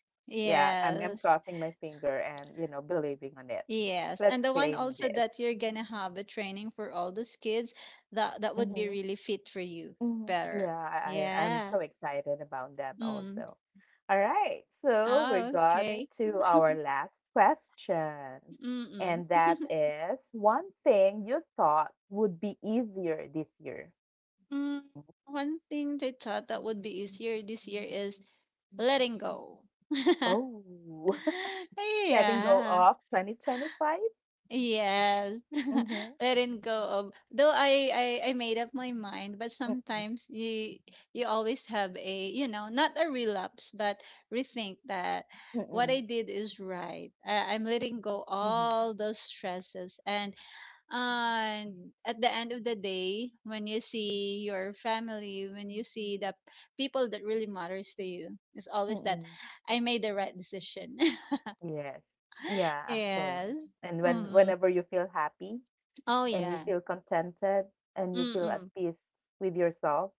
Speaker 1: Yeah, I'm
Speaker 2: yes.
Speaker 1: crossing my finger and believing on it.
Speaker 2: Yes.
Speaker 1: Let's
Speaker 2: And the one
Speaker 1: claim
Speaker 2: also
Speaker 1: this.
Speaker 2: that you're gonna have a training for all those kids, that would be really fit for you
Speaker 1: Mhm. Yeah,
Speaker 2: better.
Speaker 1: I'm
Speaker 2: Yeah.
Speaker 1: so excited about that
Speaker 2: Mm.
Speaker 1: also. All right, so we
Speaker 2: Oh,
Speaker 1: got
Speaker 2: okay.
Speaker 1: into our last question,
Speaker 2: Mm-mm.
Speaker 1: and that is one thing you thought would be easier this year.
Speaker 2: Mm, One thing they thought that would be easier this year is letting go.
Speaker 1: Oh, letting go
Speaker 2: Yeah.
Speaker 1: of 2025?
Speaker 2: Yes.
Speaker 1: Mm-hmm.
Speaker 2: Letting go of though I made up my mind, but
Speaker 1: Mm-mm.
Speaker 2: sometimes you always have a, not a relapse, but rethink that what I
Speaker 1: Mm-mm.
Speaker 2: did is right. I'm letting go
Speaker 1: Mm-hmm.
Speaker 2: all those stresses, and at the end of the day, when you see your family, when you see the people that really matters to you, it's always that
Speaker 1: Mm-mm.
Speaker 2: I made the right decision.
Speaker 1: Yes. Yeah, actually.
Speaker 2: Yes.
Speaker 1: And
Speaker 2: Mm.
Speaker 1: whenever you feel happy
Speaker 2: Oh
Speaker 1: and you
Speaker 2: yeah.
Speaker 1: feel contented and you feel at
Speaker 2: Mm-mm.
Speaker 1: peace with yourself,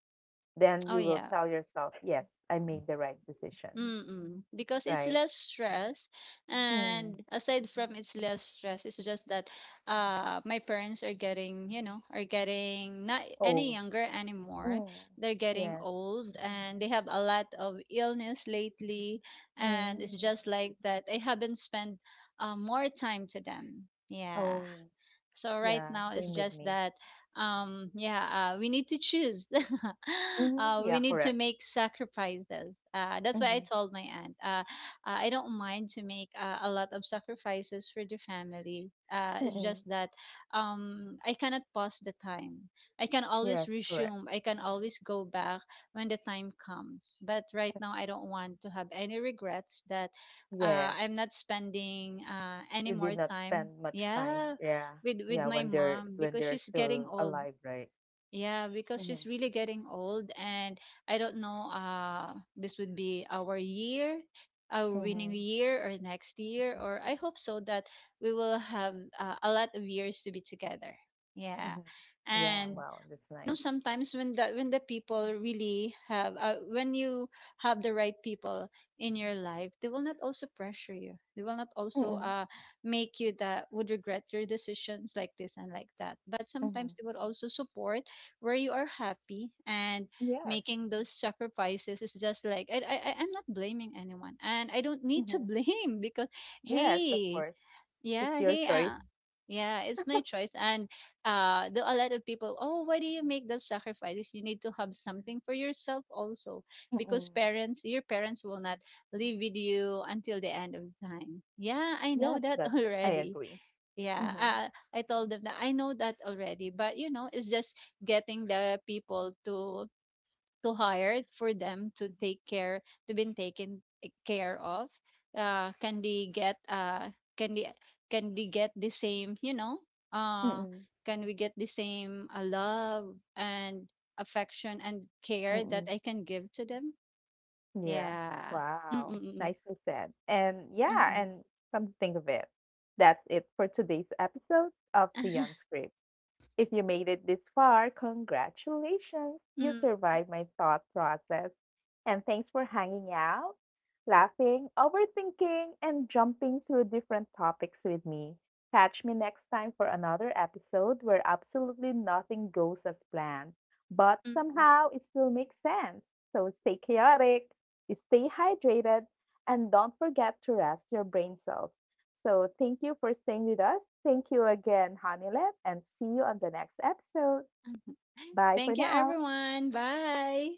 Speaker 1: then
Speaker 2: Oh
Speaker 1: you will
Speaker 2: yeah.
Speaker 1: tell yourself, yes, I made the right decision,
Speaker 2: Mm-mm. Because it's
Speaker 1: right?
Speaker 2: less stress, and
Speaker 1: Mm.
Speaker 2: aside from it's less stress, it's just that my parents are getting, not any
Speaker 1: Old.
Speaker 2: younger anymore.
Speaker 1: Mm.
Speaker 2: They're getting
Speaker 1: Yes.
Speaker 2: old and they have a lot of illness lately, and it's
Speaker 1: Mm.
Speaker 2: just like that I haven't spent more time to them. Yeah.
Speaker 1: Oh,
Speaker 2: So right
Speaker 1: yeah,
Speaker 2: now it's
Speaker 1: same with
Speaker 2: just
Speaker 1: me.
Speaker 2: that yeah, we need to choose.
Speaker 1: Hmm.
Speaker 2: We
Speaker 1: Yeah,
Speaker 2: need to
Speaker 1: correct.
Speaker 2: make sacrifices. That's why I
Speaker 1: Mm-hmm.
Speaker 2: told my aunt. I don't mind to make a lot of sacrifices for the family. It's just
Speaker 1: Mm-mm.
Speaker 2: that I cannot pause the time. I can always
Speaker 1: Yes, correct.
Speaker 2: resume. I can always go back when the time comes. But right now I don't want to have any regrets that
Speaker 1: Yes.
Speaker 2: I'm not spending any
Speaker 1: You
Speaker 2: more
Speaker 1: did not
Speaker 2: time.
Speaker 1: spend much time.
Speaker 2: Yeah,
Speaker 1: Yeah.
Speaker 2: with
Speaker 1: Yeah,
Speaker 2: my
Speaker 1: when they're
Speaker 2: mom
Speaker 1: when
Speaker 2: because
Speaker 1: they're
Speaker 2: she's getting
Speaker 1: still
Speaker 2: old.
Speaker 1: alive, right?
Speaker 2: Yeah, because
Speaker 1: Mm-hmm.
Speaker 2: she's really getting old, and I don't know. This would be our year, our winning
Speaker 1: Mm-hmm.
Speaker 2: year, or next year, or I hope so that we will have a lot of years to be together. Yeah,
Speaker 1: Mm-hmm. Yeah,
Speaker 2: and
Speaker 1: wow, that's
Speaker 2: know
Speaker 1: nice.
Speaker 2: sometimes when the people really have, when you have the right people in your life, they will not also pressure you, they will not also
Speaker 1: Mm-mm.
Speaker 2: make you that would regret your decisions like this and like that, but sometimes
Speaker 1: Mm-hmm.
Speaker 2: they will also support where you are happy, and
Speaker 1: Yes.
Speaker 2: making those sacrifices is just like I'm not blaming anyone and I don't need to
Speaker 1: Mm-hmm.
Speaker 2: blame because,
Speaker 1: Yes, of course.
Speaker 2: hey,
Speaker 1: It's
Speaker 2: yeah,
Speaker 1: your
Speaker 2: hey,
Speaker 1: choice.
Speaker 2: yeah, it's my choice. And there are a lot of people, oh, why do you make those sacrifices? You need to have something for yourself also,
Speaker 1: Mm.
Speaker 2: because your parents will not live with you until the end of time. Yeah, I know
Speaker 1: Yes,
Speaker 2: that
Speaker 1: that I
Speaker 2: already.
Speaker 1: agree.
Speaker 2: Yeah,
Speaker 1: Mhm.
Speaker 2: I told them that I know that already, but it's just getting the people to hire for them to take care to been taken care of, can they get, can they can they get the same, uh
Speaker 1: Mm-mm.
Speaker 2: can we get the same love and affection and care
Speaker 1: Mm-mm.
Speaker 2: that I can give to them.
Speaker 1: Yeah.
Speaker 2: Yeah.
Speaker 1: Wow.
Speaker 2: Mm.
Speaker 1: Nicely said. And yeah,
Speaker 2: Mm-mm-mm.
Speaker 1: and come to think of it, that's it for today's episode of The
Speaker 2: Mm-mm.
Speaker 1: Unscript. If you made it this far, congratulations! You survived my thought process. And thanks for hanging out, laughing, overthinking, and jumping through different topics with me. Catch me next time for another episode where absolutely nothing goes as planned, but
Speaker 2: Mm-mm.
Speaker 1: somehow it still makes sense. So stay chaotic, stay hydrated, and don't forget to rest your brain cells. So thank you for staying with us. Thank you again, Honeylab, and see you on the next episode. Bye for
Speaker 2: Thank you,
Speaker 1: now.
Speaker 2: everyone. Bye.